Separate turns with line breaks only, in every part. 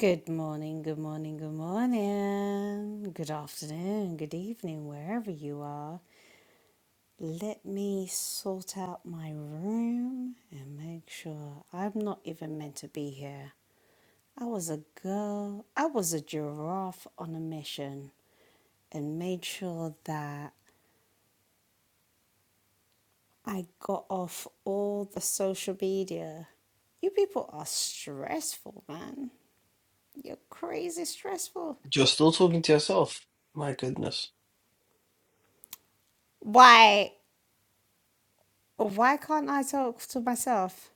Good morning, good morning, good morning, good afternoon, good evening, wherever you are. Let me sort out my room and make sure I'm not even meant to be here. I was a girl, I was a giraffe on a mission and made sure that I got off all the social media. You people are stressful, man. You're crazy stressful.
You're still talking to yourself. My goodness.
Why? Well, Why can't I talk to myself?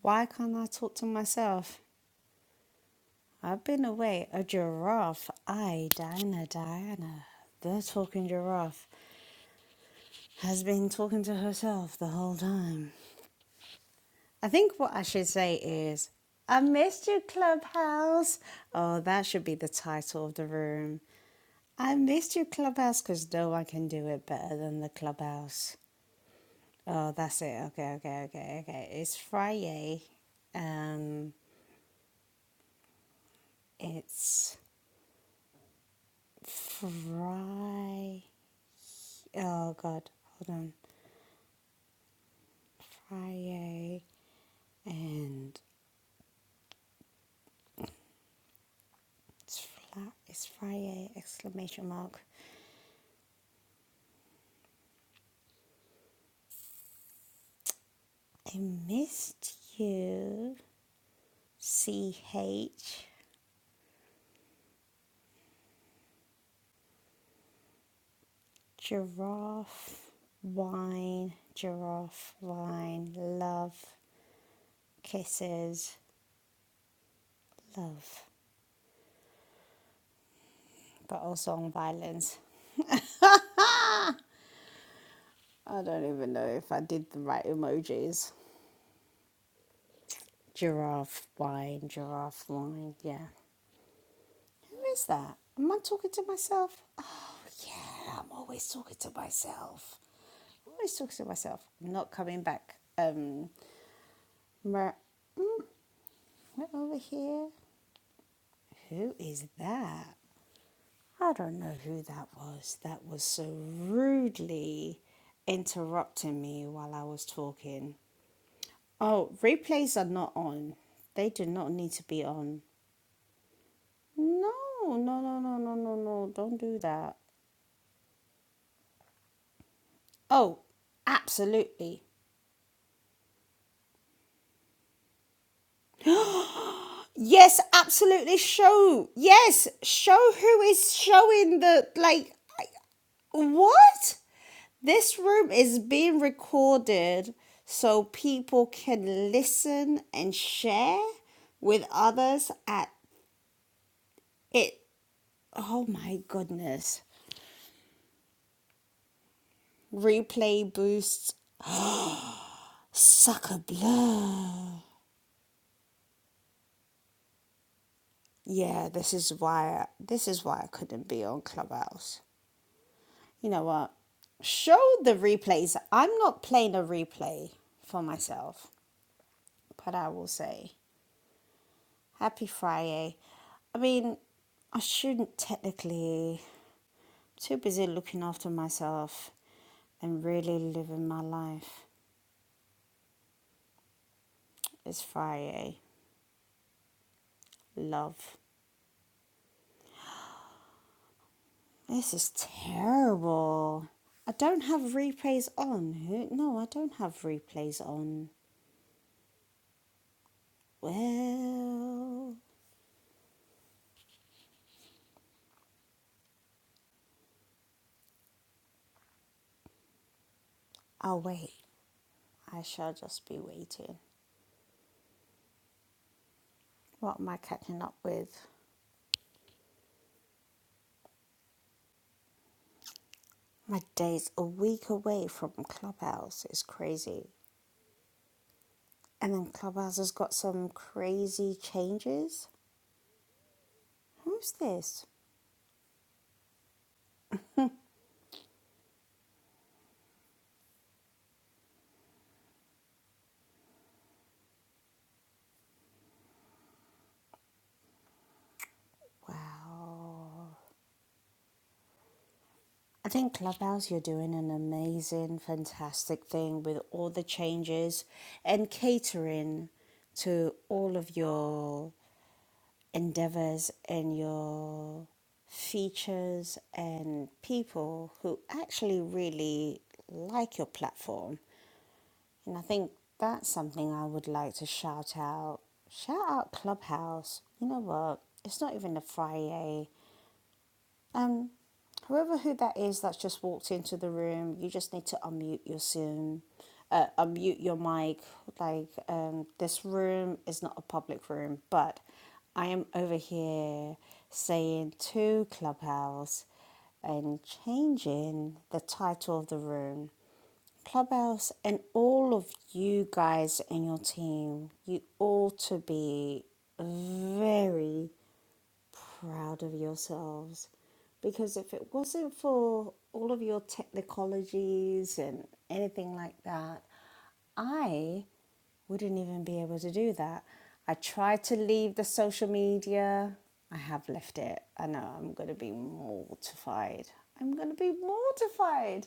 Why can't I talk to myself? I've been away, a giraffe, I, Diana, Diana, the talking giraffe, has been talking to herself the whole time. I think what I should say is, I missed you, Clubhouse. Oh, that should be the title of the room. I missed you, Clubhouse, because no one can do it better than the Clubhouse. Oh, that's it. Okay, okay, okay, okay. It's Friday. Um, it's Fry. Oh God, hold on. Friday and it's flat. It's Friday! Exclamation mark. I missed you. C H giraffe wine. Giraffe wine. Love kisses. Love. But also on violence. I don't even know if I did the right emojis. Giraffe wine. Giraffe wine. Yeah. Who is that? Am I talking to myself? Oh, yeah, I'm always talking to myself. I'm always talking to myself. I'm not coming back. Um, mer- right over here. Who is that? I don't know who that was. That was so rudely interrupting me while I was talking. Oh, replays are not on. They do not need to be on. No, no, no, no, no, no, no. Don't do that. Oh, absolutely. Yes, absolutely. Show. Yes, show who is showing the like I- what? This room is being recorded so people can listen and share with others at it. Oh my goodness. Replay boosts sucker blood. Yeah, this is why this is why I couldn't be on Clubhouse. You know what? Show the replays. I'm not playing a replay for myself, but I will say happy Friday. I mean, I shouldn't technically. Too busy looking after myself and really living my life. It's Friday. Love. This is terrible. I don't have replays on. No, I don't have replays on. Well, I'll wait. I shall just be waiting. What am I catching up with? My day's a week away from Clubhouse. It's crazy. And then Clubhouse has got some crazy changes. Who's this? Wow. I think Clubhouse, you're doing an amazing, fantastic thing with all the changes and catering to all of your endeavors and your features and people who actually really like your platform And I think that's something I would like to shout out. Shout out Clubhouse. You know what? It's not even a Friday. Um, whoever who that is that's just walked into the room, you just need to unmute your Zoom, uh, unmute your mic. Like um, this room is not a public room, but I am over here saying to Clubhouse and changing the title of the room. Clubhouse and all of you guys and your team, you ought to be very proud of yourselves because if it wasn't for all of your technicologies and anything like that, I wouldn't even be able to do that. I tried to leave the social media. I have left it. I know I'm going to be mortified. I'm going to be mortified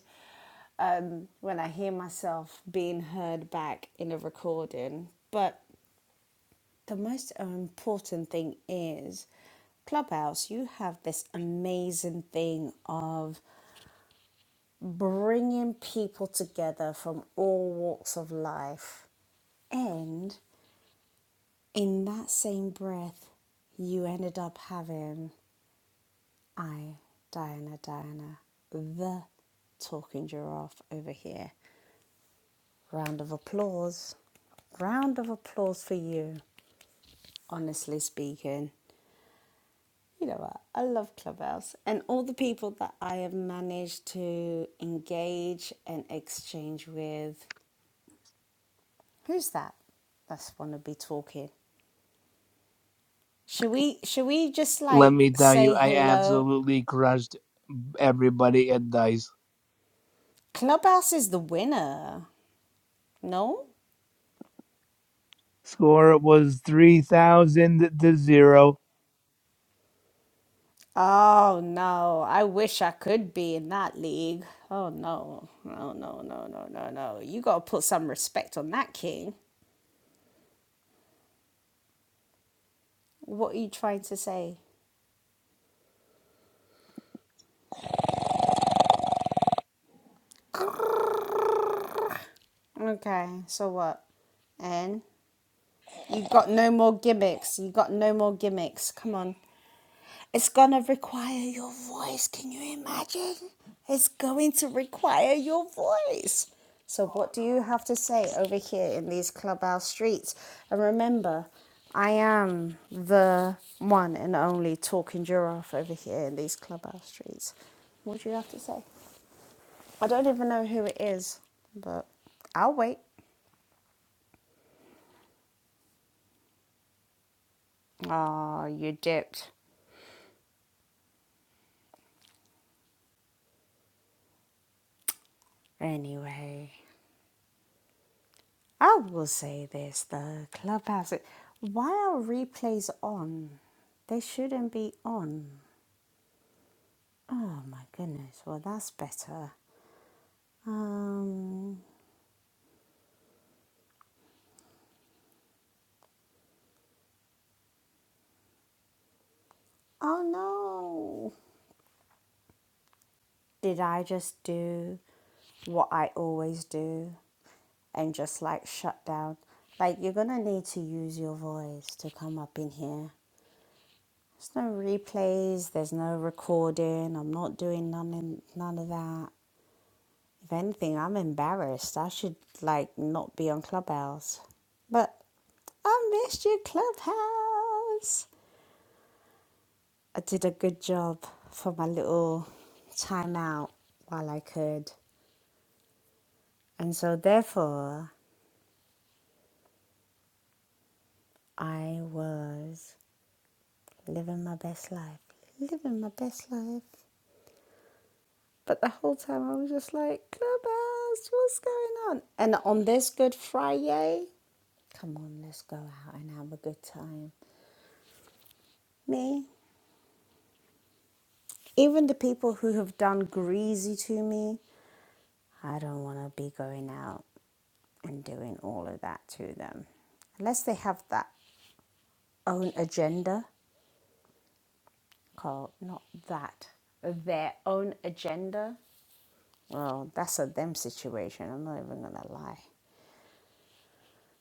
um, when I hear myself being heard back in a recording. But the most important thing is Clubhouse, you have this amazing thing of bringing people together from all walks of life. And in that same breath, you ended up having I, Diana, Diana, the talking giraffe over here. Round of applause. Round of applause for you, honestly speaking. you know what? I love Clubhouse and all the people that I have managed to engage and exchange with. Who's that? That's wanna be talking. Should we should we just
Let
like
me tell you,
say
I
hello?
absolutely crushed everybody at dice.
Clubhouse is the winner. No?
Score was three thousand to zero.
Oh no. I wish I could be in that league. Oh no. No no no no no no. You gotta put some respect on that king. What are you trying to say? Okay, so what? And you got no more gimmicks. You got no more gimmicks. Come on. It's gonna require your voice. Can you imagine? It's going to require your voice. So what do you have to say over here in these clubhouse streets? And remember, I am the one and only talking giraffe over here in these clubhouse streets. What do you have to say? I don't even know who it is, but I'll wait. Oh, you dipped. Anyway, I will say this the clubhouse. Why are replays on? They shouldn't be on. Oh my goodness. Well, that's better. Um. Oh no. Did I just do what I always do and just like shut down? Like, you're gonna need to use your voice to come up in here. There's no replays. There's no recording. I'm not doing none in, none of that. If anything, I'm embarrassed. I should like not be on Clubhouse. But I missed you, Clubhouse. I did a good job for my little time out while I could, and so therefore I was living my best life. Living my best life. But the whole time I was just like, Clubhouse, what's going on? And on this Good Friday, come on, let's go out and have a good time. Me, even the people who have done greasy to me, I don't want to be going out and doing all of that to them. Unless they have that own agenda, called not that, their own agenda. Well, that's a them situation. I'm not even going to lie.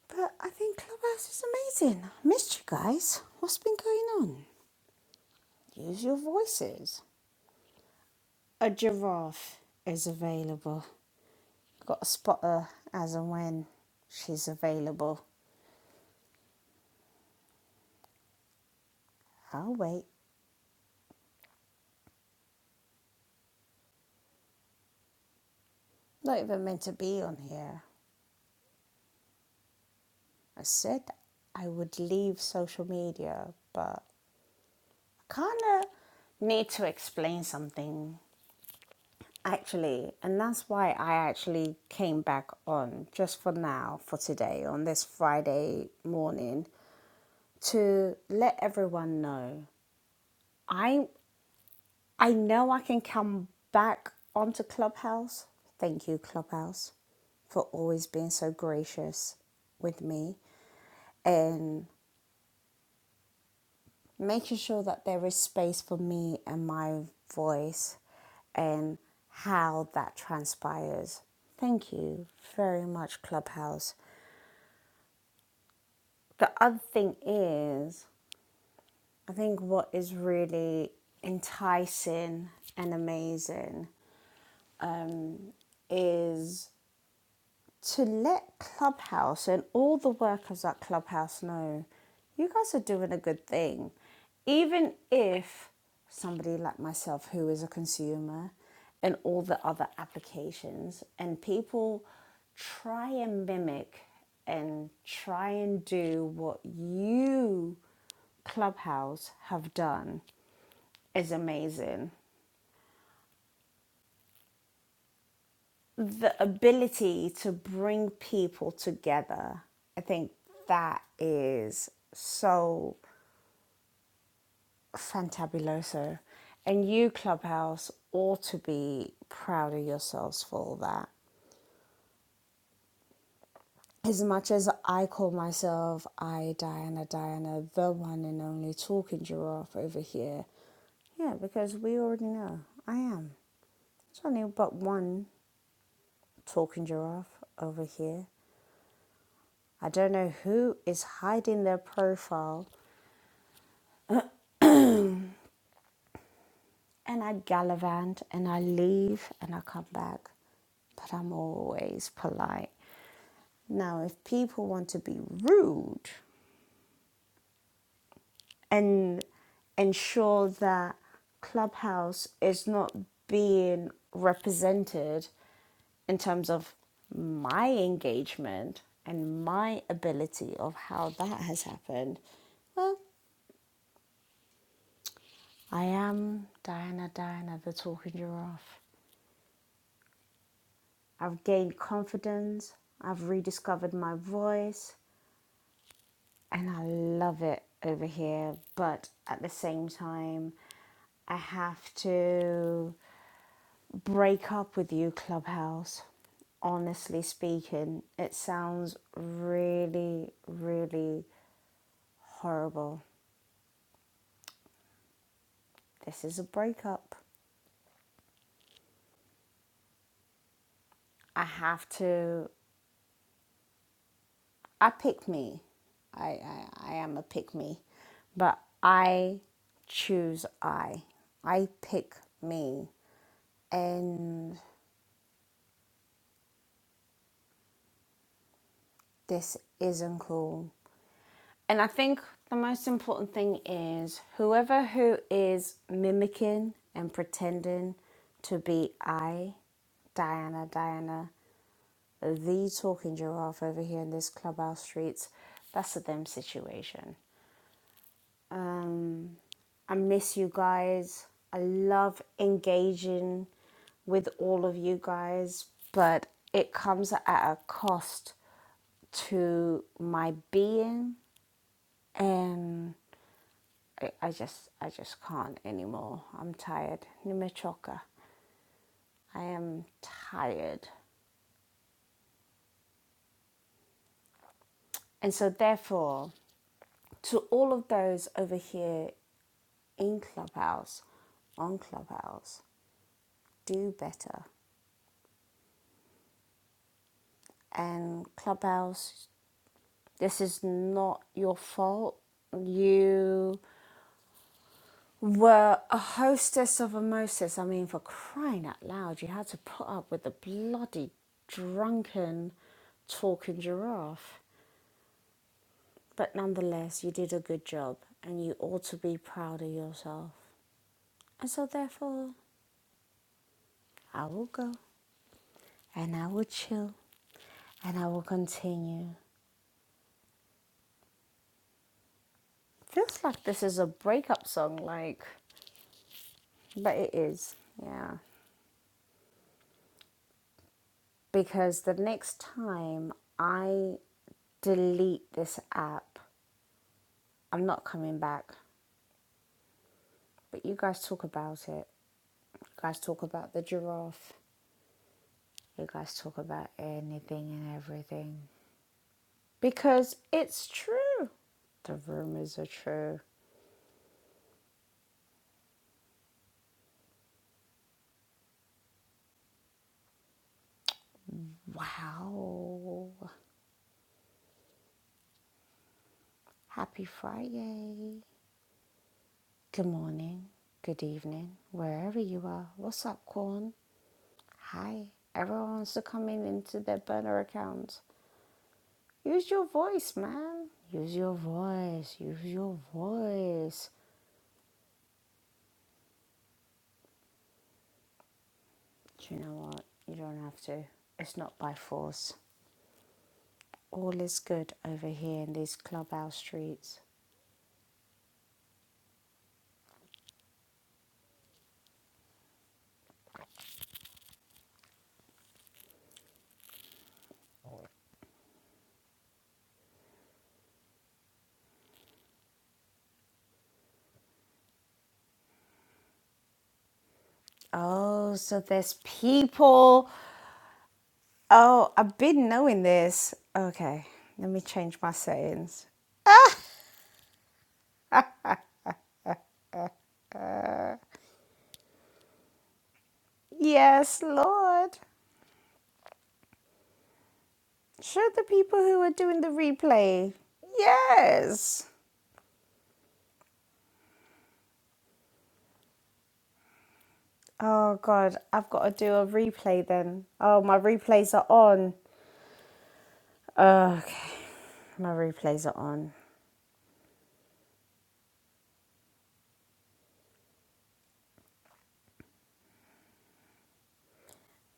But I think Clubhouse is amazing. I missed you guys. What's been going on? Use your voices. A giraffe is available. Got to spot her as and when she's available. I'll wait. Not even meant to be on here. I said I would leave social media, but I kind of need to explain something actually, and that's why I actually came back on just for now, for today, on this Friday morning to let everyone know I I know I can come back onto Clubhouse. Thank you, Clubhouse, for always being so gracious with me and making sure that there is space for me and my voice and how that transpires. Thank you very much, Clubhouse. The other thing is, I think what is really enticing and amazing um, is to let Clubhouse and all the workers at Clubhouse know you guys are doing a good thing. Even if somebody like myself, who is a consumer, and all the other applications, and people try and mimic and try and do what you, Clubhouse, have done is amazing. the ability to bring people together, I think that is so fantabuloso. And you, Clubhouse, ought to be proud of yourselves for that. As much as I call myself, I, Diana, Diana, the one and only talking giraffe over here, yeah, because we already know I am. There's only but one talking giraffe over here. I don't know who is hiding their profile. And I gallivant and I leave and I come back. But I'm always polite. Now, if people want to be rude and ensure that Clubhouse is not being represented in terms of my engagement and my ability of how that has happened, well. I am Diana Diana, the talking giraffe. I've gained confidence, I've rediscovered my voice, and I love it over here. But at the same time, I have to break up with you, Clubhouse. Honestly speaking, it sounds really, really horrible. This is a breakup. I have to I pick me. I, I, I am a pick me. But I choose I. I pick me. And this isn't cool. And I think the most important thing is whoever who is mimicking and pretending to be I, Diana, Diana, the talking giraffe over here in this clubhouse streets, that's a them situation. I miss you guys. I love engaging with all of you guys, but it comes at a cost to my being and I, I just I just can't anymore. I'm tired. Nimechoka. I am tired. And so therefore to all of those over here in Clubhouse, on Clubhouse, do better. And Clubhouse This is not your fault. You were a hostess of a Moses. I mean, for crying out loud, you had to put up with the bloody drunken talking giraffe. But nonetheless, you did a good job and you ought to be proud of yourself. And so, therefore, I will go and I will chill and I will continue. Feels like this is a breakup song, like, but it is, yeah. because the next time I delete this app, I'm not coming back. But you guys talk about it. You guys talk about the giraffe. You guys talk about anything and everything. Because it's true. The rumors are true. Wow. Happy Friday. Good morning. Good evening. Wherever you are. What's up, Corn? Hi. Everyone wants to come in into their burner accounts Use your voice, man. Use your voice. Use your voice. Do you know what? You don't have to. It's not by force. All is good over here in these clubhouse streets. Oh, so there's people. Oh, I've been knowing this. Okay, let me change my settings. Yes, Lord. Show the people who are doing the replay. Yes. Oh, God, I've got to do a replay then. Oh, my replays are on. Uh, Okay, my replays are on.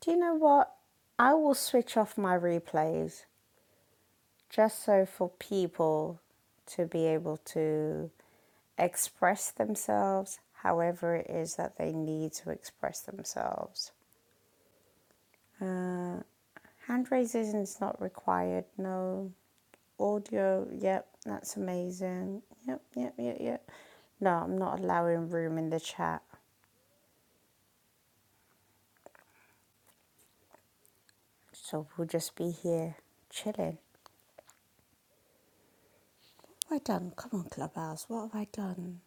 Do you know what? I will switch off my replays just so for people to be able to express themselves however it is that they need to express themselves. Uh, hand raising is not required, no. Audio, yep, that's amazing. Yep, yep, yep, yep. No, I'm not allowing room in the chat. So we'll just be here chilling. Well done. Come on, Clubhouse. What have I done?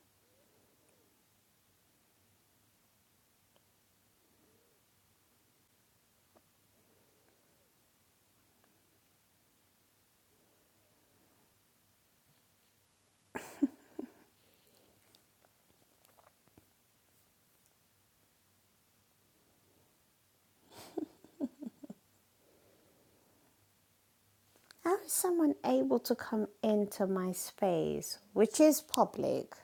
How is someone able to come into my space, which is public?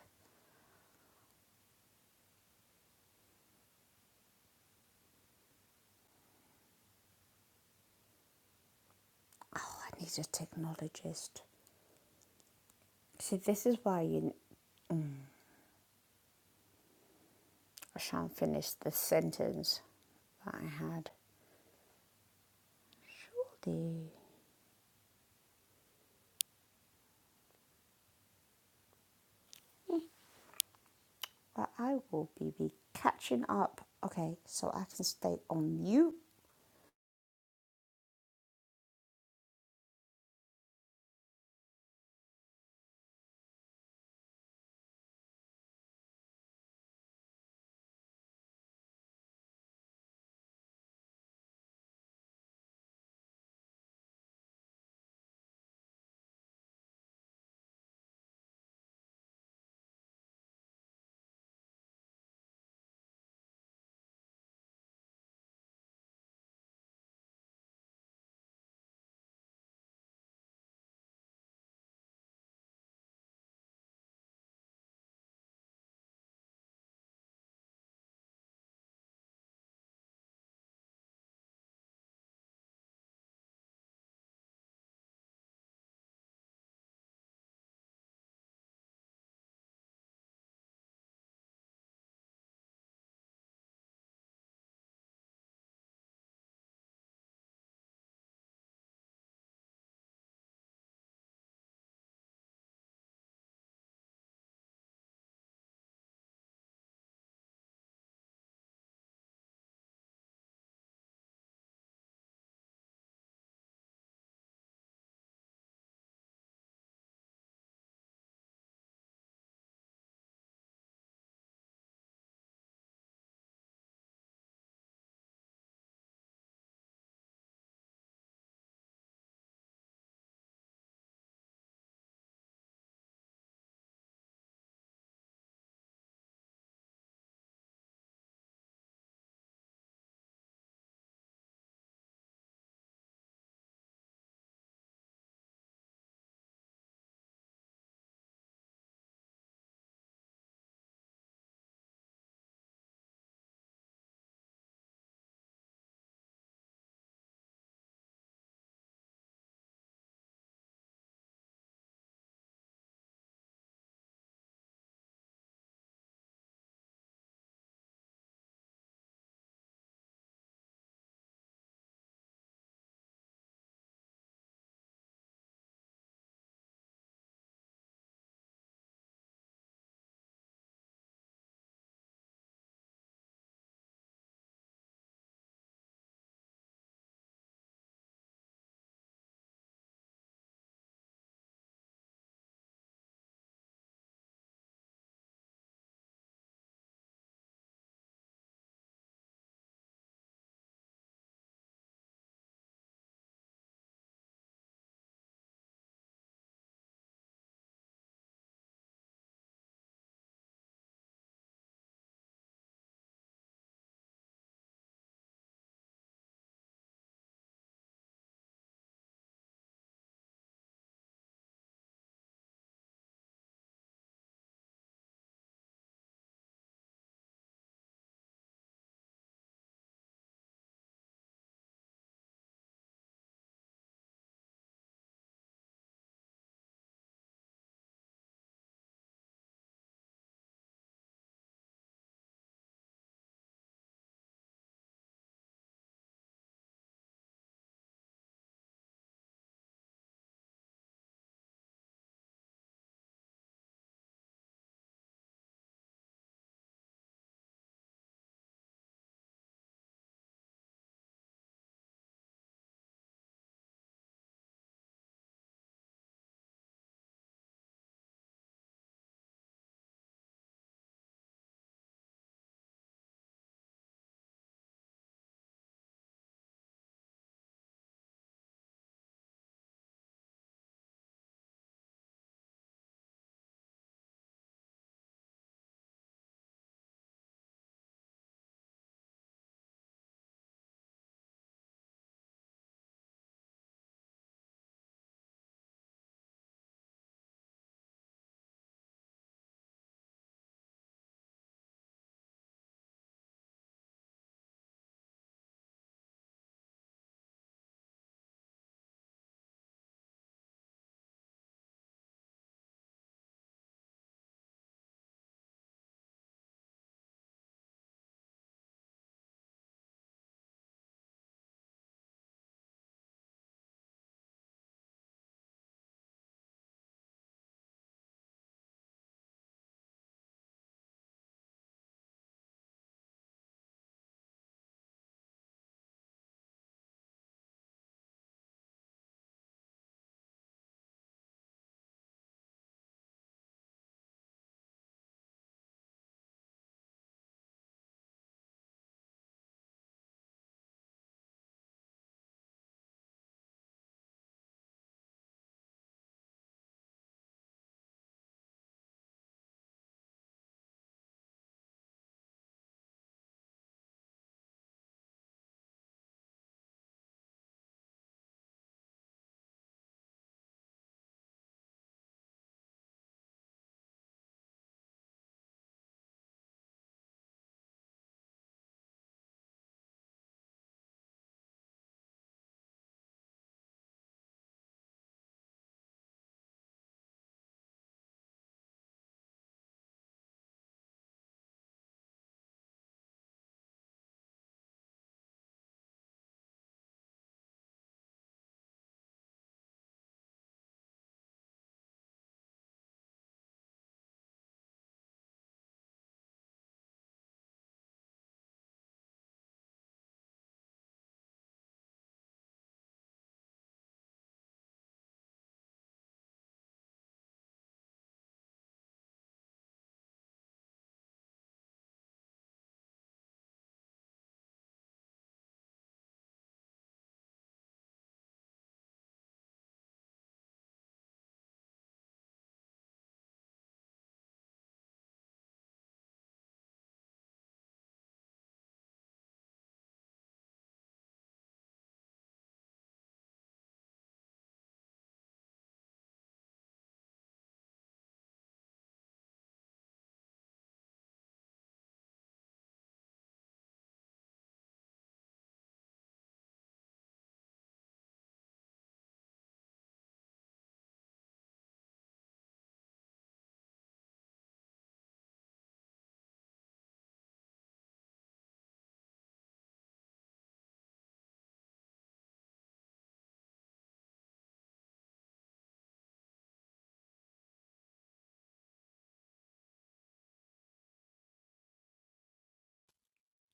Oh, I need a technologist. See, this is why you I shan't finish the sentence that I had. Surely, but I will be, be catching up. Okay, so I can stay on mute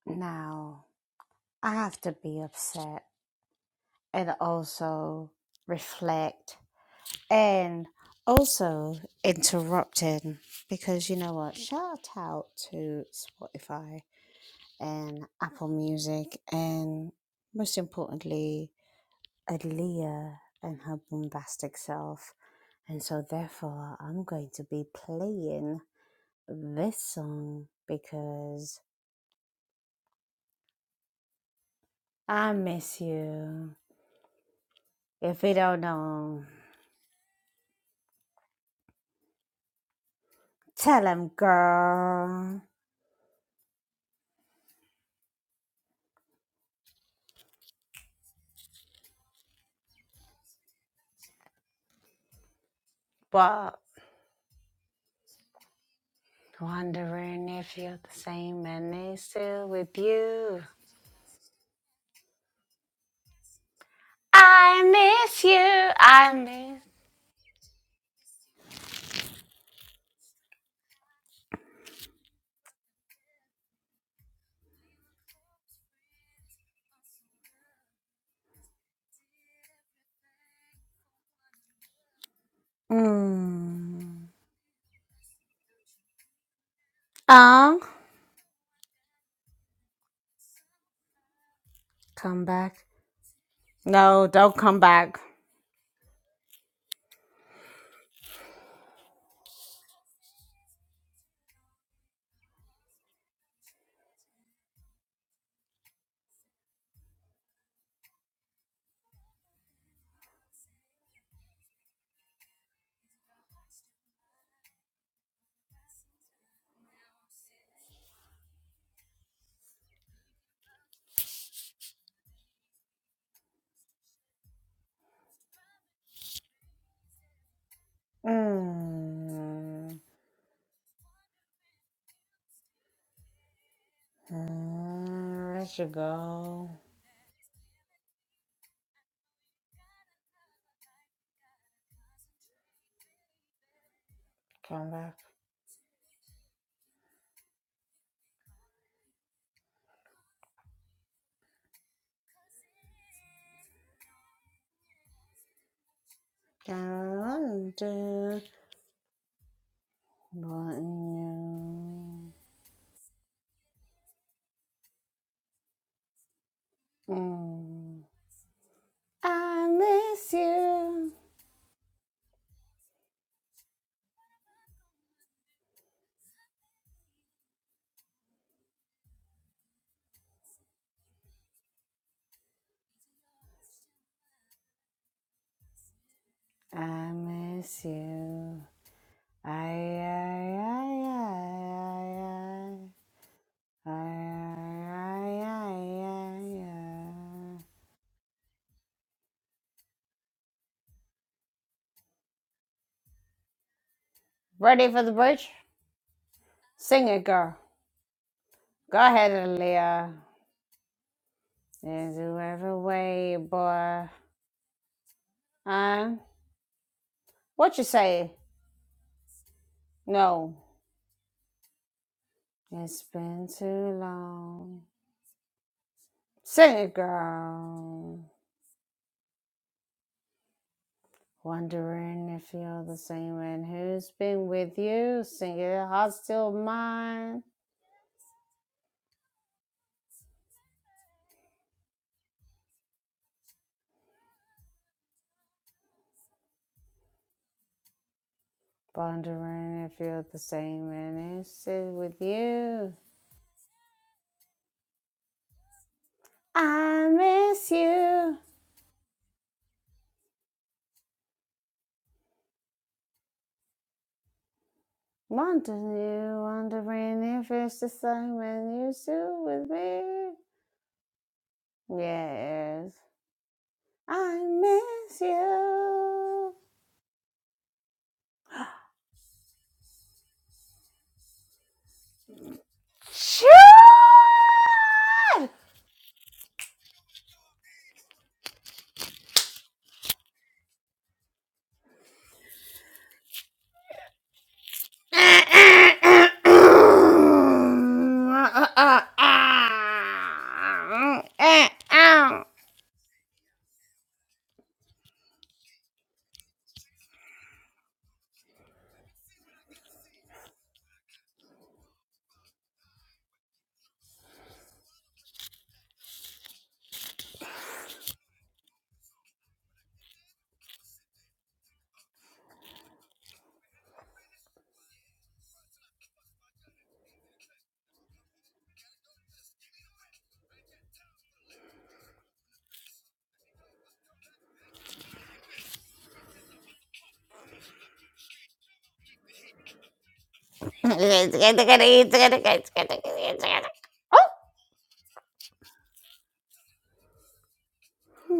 now. I have to be upset and also reflect And also interrupting because you know what? Shout out to Spotify and Apple Music and most importantly, Aaliyah and her bombastic self. And so, therefore, I'm going to be playing this song because I miss you. If you don't know, tell 'em, girl. But Wondering if you're the same and they still with you. I miss you. I miss. Mm. Oh, come back. No, don't come back. Mm. Mm, Let you go. Come back. Down to wanting you. Mm. I miss you. I miss you. Ay, ay, ay, ay, ay, ay, ay, ay, ay, ay. Ready for the bridge? Sing it, girl. Go ahead, Aaliyah. There's whoever way, boy. Uh, what you say? No. It's been too long. Sing it, girl. Wondering if you're the same and who's been with you. Sing it, heart still mine. Pondering and feel the same and it's with you. I miss you. Wondering you, wondering if it's the same when you still with me. Yes, I miss you. Choo! Am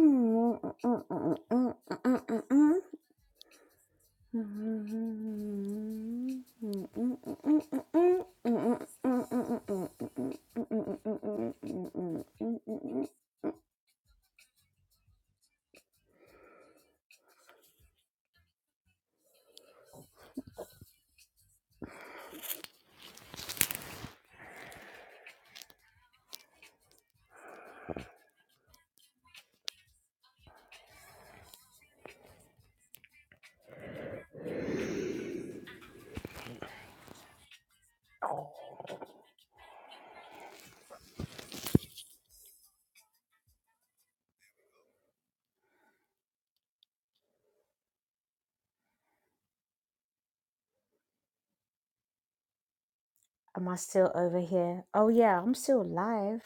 I still over here? Oh, yeah, I'm still live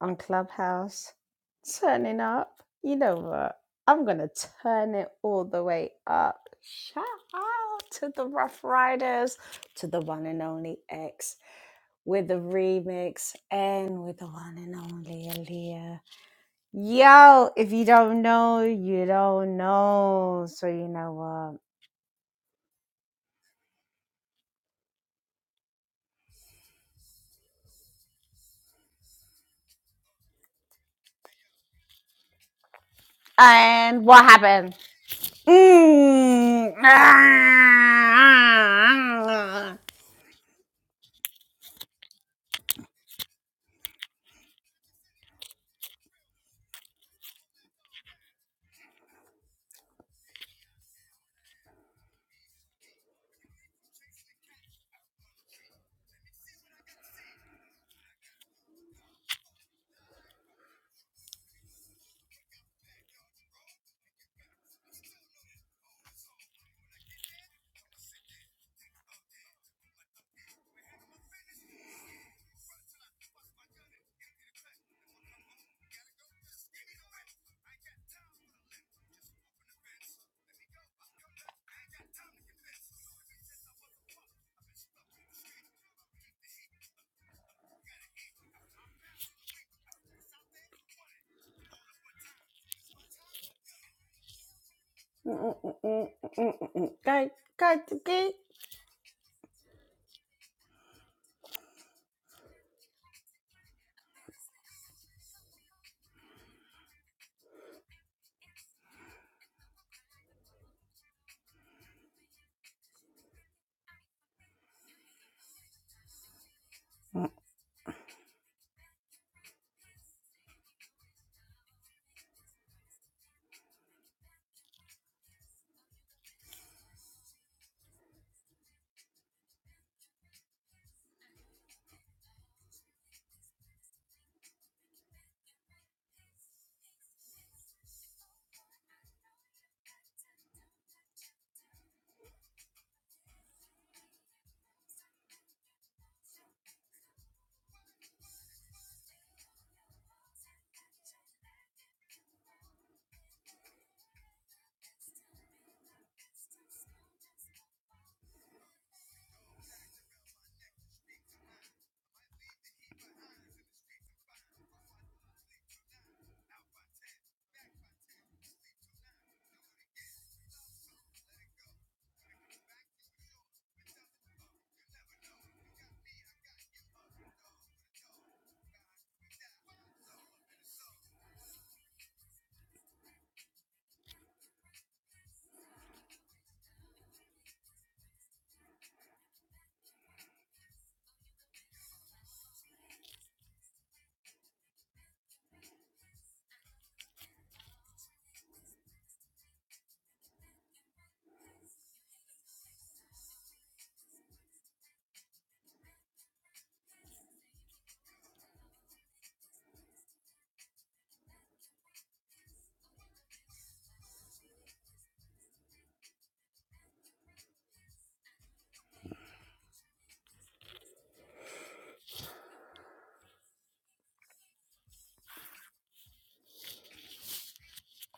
on Clubhouse. Turning up. You know what? I'm going to turn it all the way up. Shout out to the Rough Riders, to the one and only X. with the remix and with the one and only Aaliyah. Yo, if you don't know, you don't know. So you know what. And what happened? Mm. Ah. God, God, okay.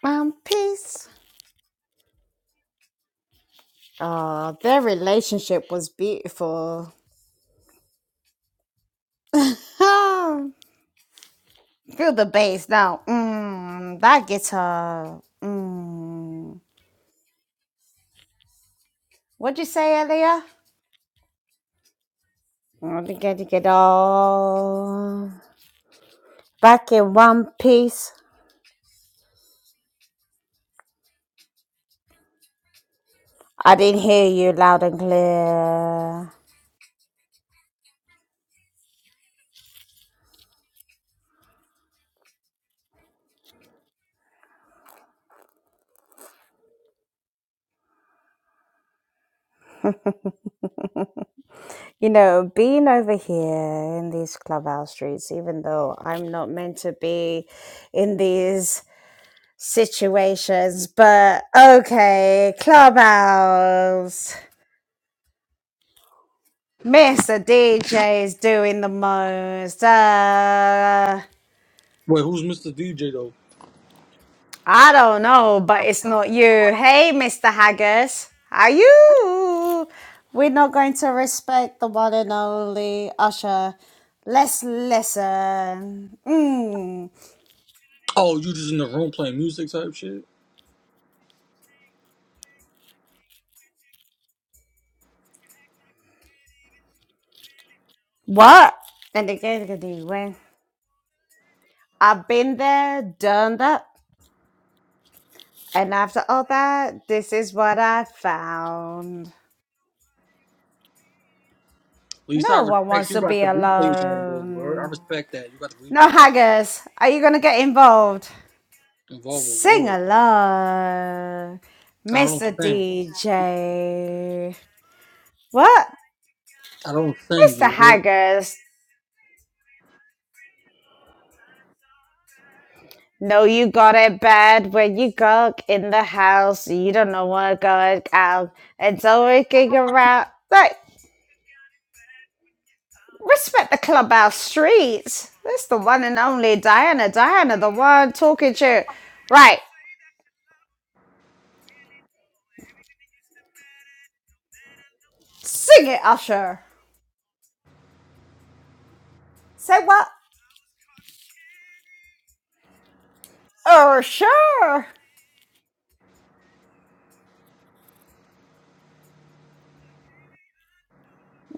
Um, peace. Oh, their relationship was beautiful. Feel the bass now. Mm, that guitar. Mm. What'd you say earlier? I didn't get to get all back in one piece. I didn't hear you loud and clear. You know, being over here in these clubhouse streets, even though I'm not meant to be in these situations, but okay, clubhouse. Mr. DJ is doing the most. Uh,
Wait, who's Mr. DJ though?
I don't know, but it's not you. Hey, Mr. Haggis, how you? We're not going to respect the one and only Usher. Let's listen. Mm.
Oh, you just in the room playing music type shit.
What? And again, when I've been there, done that, and after all that, this is what I found.
At least I
No one
respect
wants
you
to
got
be
the replays on though. You heard? I
alone.
respect that you got the
No
replays on.
haggers, are you going to get involved?
Involve
Sing
award.
along,
I don't
Mr.
sing.
DJ. What?
I don't sing. You
Mr.
heard?
Haggers, no, you got it bad when you go in the house. You don't know what going out. It's always kicking around. Like, respect the clubhouse streets. That's the one and only Diana. Diana, the one talking to. you. Right, sing it, Usher. Say what? Oh, sure.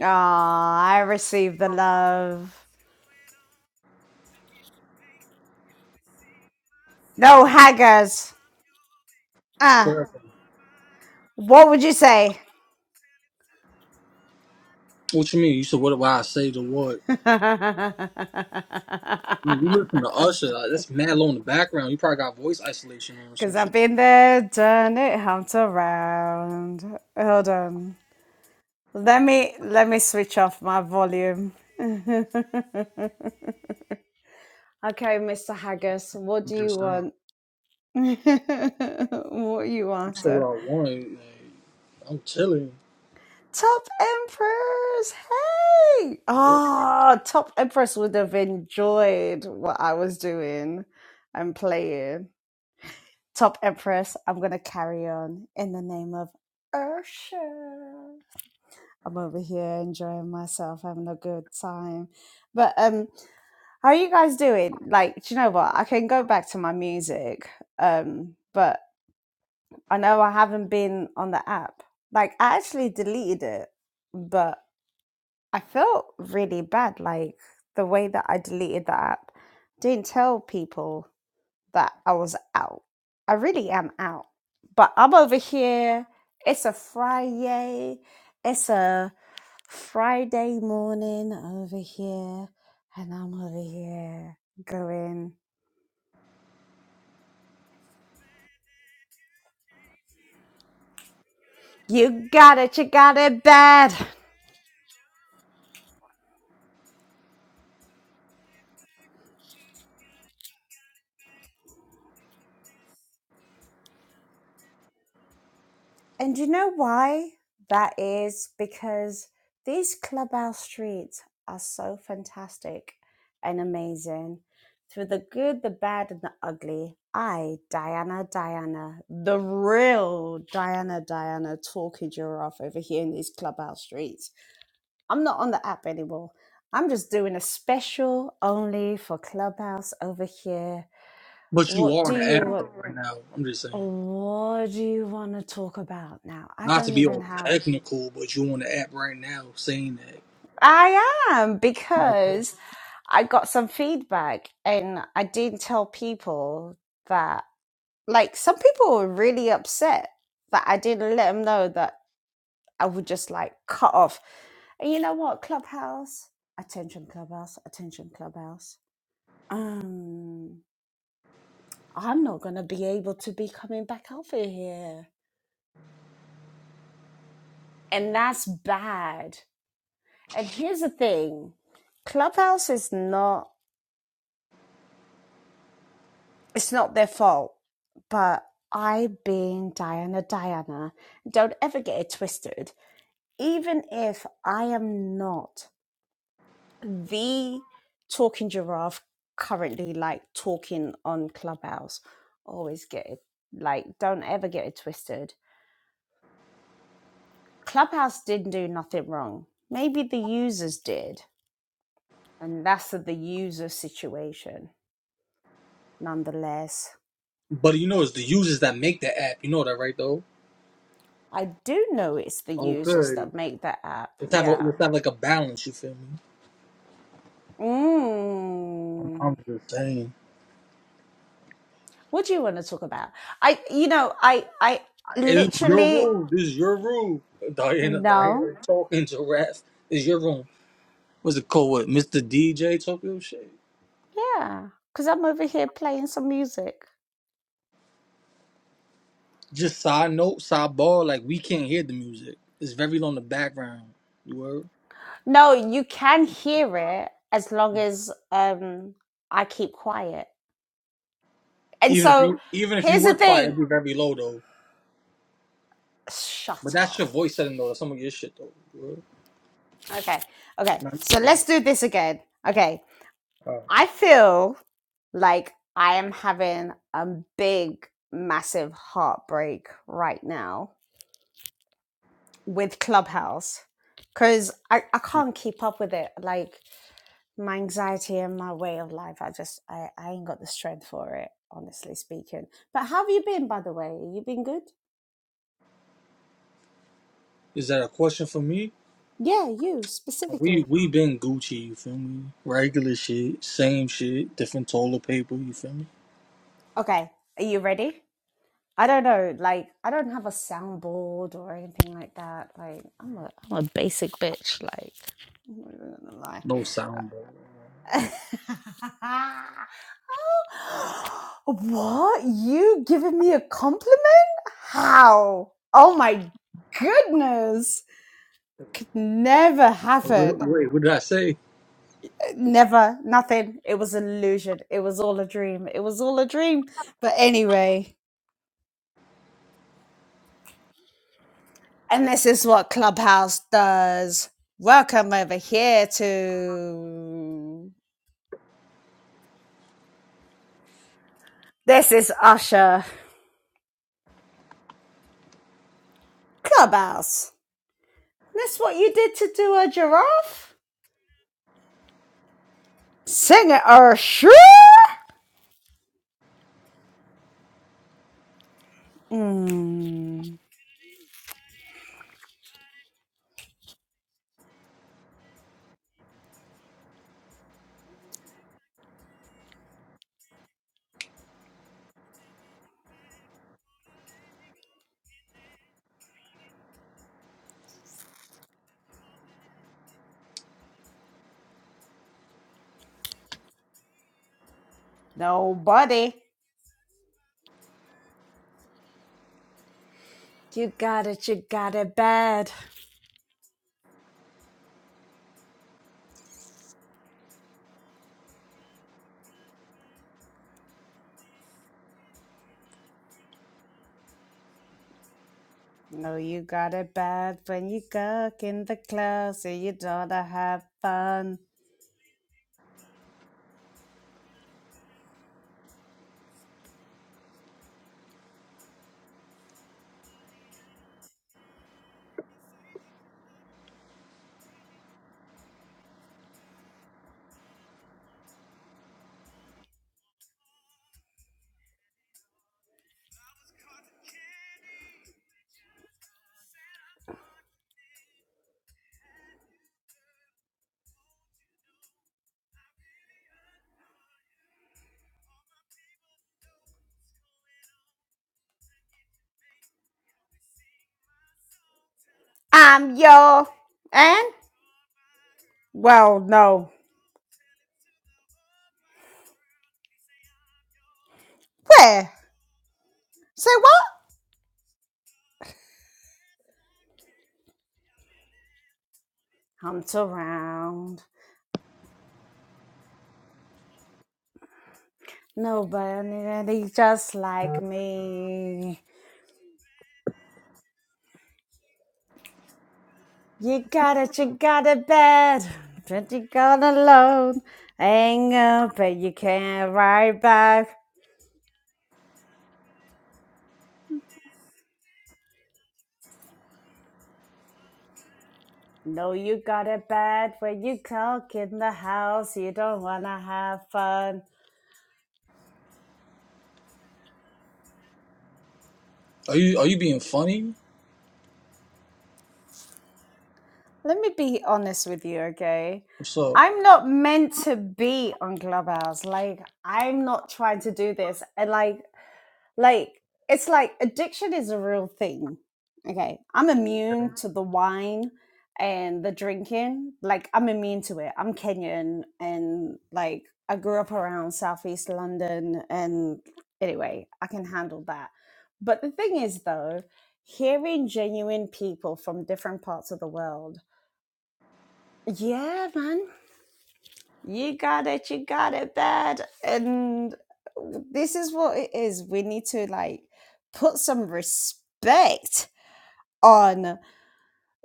Ah, I receive the love. No haggers.
It's
Ah,
correct.
what would you say?
What you mean? You said what? Why I say the what? I mean, you listen to Usher. Like, that's mad low in the background. You probably got voice isolation on or some
Because
shit.
I've been there, done it, humped around. Hold on. Let me let me switch off my volume. okay, Mr. Haggis, what
I'm
do you
just saying.
want? what are you
You said
after?
what I want. like, I'm chilling.
Top Empress, hey! Ah, oh, Top Empress would have enjoyed what I was doing and playing. Top Empress, I'm gonna carry on in the name of Ursha. I'm over here enjoying myself, having a good time. But um, how are you guys doing? Like, do you know what? I can go back to my music. Um, but I know I haven't been on the app. Like, I actually deleted it, but I felt really bad, like the way that I deleted the app. Didn't tell people that I was out. I really am out. But I'm over here. It's a Friday. It's a Friday morning over here. And I'm over here going, You got it, you got it bad. And you know why that is? Because these clubhouse streets are so fantastic and amazing. Through the good, the bad, and the ugly, I, Diana, Diana, the real Diana, Diana, talking your off over here in these clubhouse streets. I'm not on the app anymore. I'm just doing a special only for Clubhouse over here.
But you
What
are
do
on the
you
app
want?
though right now. I'm just saying.
What do you want to talk about now? I
Not to
don't
be
even
all
have
technical, but you on the app right now saying that.
I am
Okay.
because I got some feedback and I didn't tell people that, like, some people were really upset that I didn't let them know that I would just like cut off. And you know what? Clubhouse, attention, Clubhouse, attention, Clubhouse. Um, I'm not going to be able to be coming back over here. And that's bad. And here's the thing Clubhouse is not. it's not their fault, but I, being Diana Diana, don't ever get it twisted. Even if I am not the talking giraffe currently, like talking on Clubhouse, always get it, like, don't ever get it twisted. Clubhouse didn't do nothing wrong. Maybe the users did, and that's the user situation. Nonetheless,
But you know, it's the users that make the app. You know that, right? Though
I do know it's the users
Okay.
that make the app.
let's have a,
Yeah
let's have like a balance. You feel me? I'm,
Mm.
I'm just saying.
What do you want to talk about? I, you know, I, I
It's your
literally
room. This is your room. Diana,
no,
Diana talking giraffe. This is your room. What's it called? What, Mr. DJ Tokyo shit?
yeah, because I'm over here playing some music.
Just side note, sidebar. Like we can't hear the music. It's very low in the background. You were
No, you can hear it as long as um I keep quiet. And
even if
so
you even if you
here's the
were quiet,
thing.
it'd be very low though. But
Shut
that's
up.
your voice setting though. That's some of your shit though. You word?
Okay, okay.
Not
So
good
let's
though.
do this again. Okay,
Uh,
I feel like I am having a big, massive heartbreak right now with Clubhouse because I, I can't keep up with it. Like my anxiety and my way of life, I just I, I ain't got the strength for it, honestly speaking. But how have you been, by the way? You been good?
Is that a question for me?
Yeah, you
We
specifically.
we been Gucci, you feel me? Regular shit, same shit, different toilet paper, you feel me?
Okay, are you ready? I don't know. Like I don't have a soundboard or anything like that. Like I'm a I'm a basic bitch. Like I'm not even gonna lie.
No soundboard.
Oh, what? You giving me a compliment? How? Oh my goodness. Could never
Wait,
happen.
wait, what did I say?
Never. Nothing. It was an illusion. It was all a dream. It was all a dream. But anyway, and this is what Clubhouse does. Welcome over here to. This is Usher. Clubhouse. That's what you did to do a giraffe? Singer, or sure. Mm, nobody. You got it, you got it bad. No, you got it bad when you cook in the closet. You don't have fun. I'm your and well, no. Where? Say what? I'm surround. Nobody really just like me. You got it, you got it bad, but you got alone. Anger, but you can't write back. No, you got it bad when you cook in the house. You don't wanna have fun.
Are you are you being funny?
Let me be honest with you, okay?
What's up?
I'm not meant to be on Clubhouse. Like, I'm not trying to do this. And like, Like, it's like addiction is a real thing. Okay. I'm immune to the wine and the drinking. Like, I'm immune to it. I'm Kenyan and like I grew up around Southeast London. And anyway, I can handle that. But the thing is, though, hearing genuine people from different parts of the world, yeah, man you got it. You got it bad. And this is what it is. We need to like put some respect on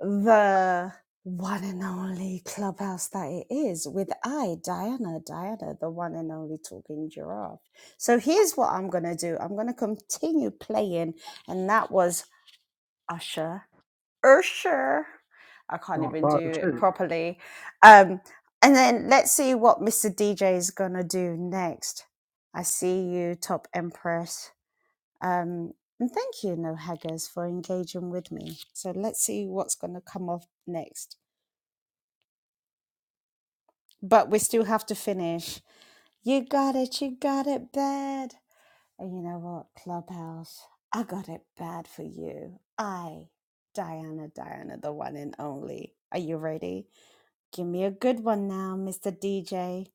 the one and only clubhouse that it is with I, Diana, Diana, the one and only talking giraffe. So here's what I'm going to do I'm going to continue playing. And that was Usher Usher. I can't
No,
even do
fire
it
shit.
properly. Um, and then let's see what Mr. DJ is gonna do next. I see you, top empress. Um, and thank you, No Haggers, for engaging with me. So let's see what's gonna come off next. But we still have to finish. You got it, you got it bad. And you know what, Clubhouse? I got it bad for you. I, Diana, Diana, the one and only. Are you ready? Give me a good one now, Mr. DJ.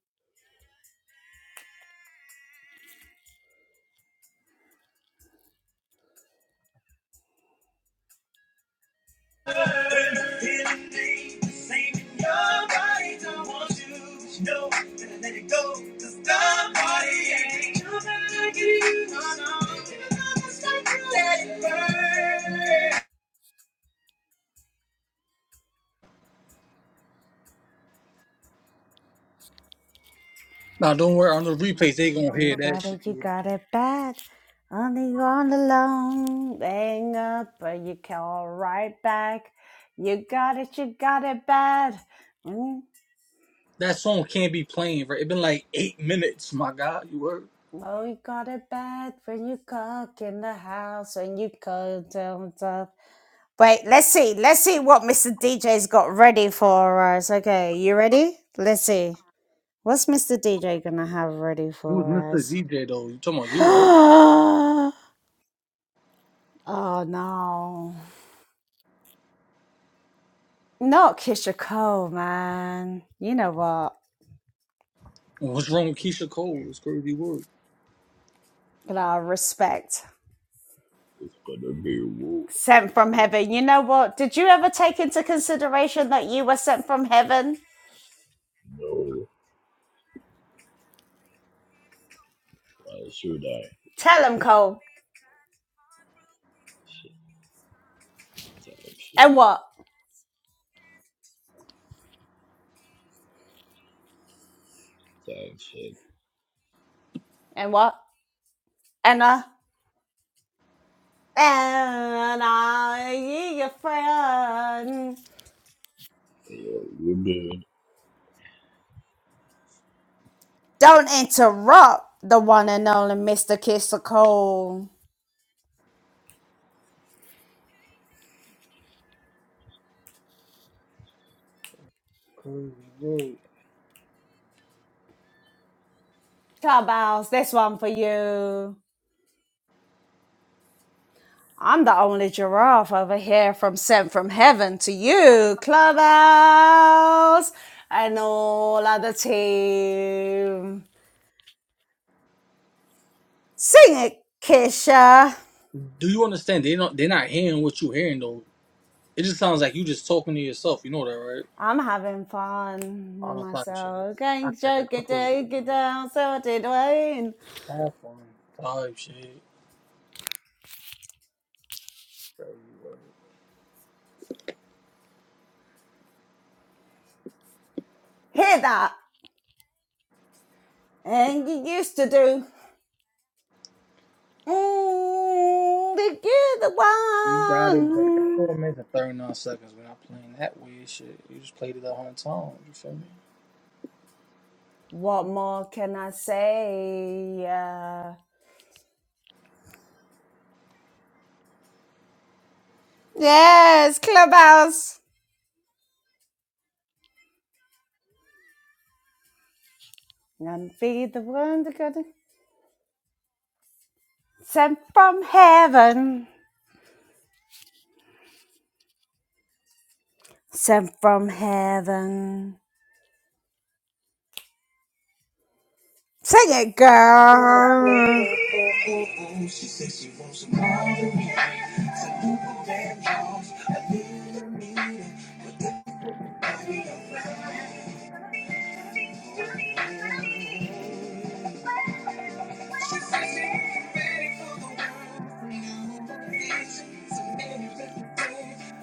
Nah, don't worry. On the replays, they gonna hear
You
that
got it, you
shit.
got it bad. Only on the long hang up, but you call right back. You got it, you got it bad. Mm.
That song can't be playing, right? It been like eight minutes, my God. You heard?
Oh, you got it bad when you cook in the house and you cook down stuff. Wait, let's see. Let's see what Mr. DJ's got ready for us. Okay, you ready? Let's see. What's Mr. DJ gonna have ready
Who was
for
Mr.
us?
DJ though? You talking about you, right?
Oh no. Not Keisha Cole, man. You know what?
And what's wrong with Keisha Cole? It's crazy word.
You know, respect.
It's gonna be woo or
Sent from
woo.
heaven. You know what? Did you ever take into consideration that you were sent from heaven?
No, why should I?
Tell him, Cole.
Shit, type shit,
And what?
type shit.
And what? And uh and are you your friend?
Hey, Yo, you doing
Don't interrupt the one and only Mr. Kisser Cole.
Crazy word.
Clubhouse, this one for you. I'm the only giraffe over here from sent from heaven to you, Clubhouse, and all other team. Sing it, Kisha.
Do you understand? They don't. They're not hearing what you're hearing though. It just sounds like you just talking to yourself. You know that, right?
I'm having fun with
All that type of shit.
myself.
I
Going
got it.
joke it,
That's what it's
take it down, so I did Wayne.
all. Type shit. Crazy word.
Hear that? And you used to do. Mm, you're the
You got it back.
one.
Four minutes and thirty nine seconds. We're not playing that weird shit. You just played it a hundred times. You feel me?
What more can I say? Uh, Yes, Clubhouse. And be the one that got it sent from heaven. Sent from heaven. Sing it,
Oh,
girl.
she says she wants some more than Some new damn jobs. I need a meeting, but that be a fool. She says she ain't ready for the world from you. Bitch, so many different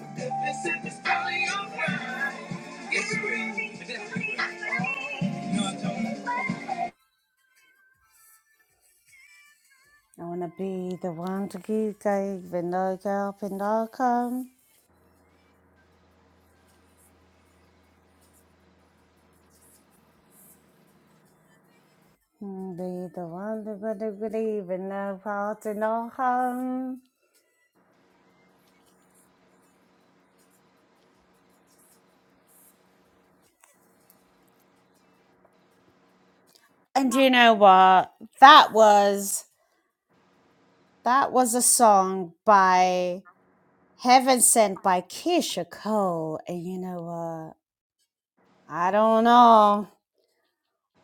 But that this is probably all right. It's real, but that's real. No, I don't.
I wanna be the one to keep going when no help and no come. Mm, Be the one that gonna believe in no part and no harm. And you know what? That was that was a song by Heaven Sent by Keisha Cole. And you know what? I don't know.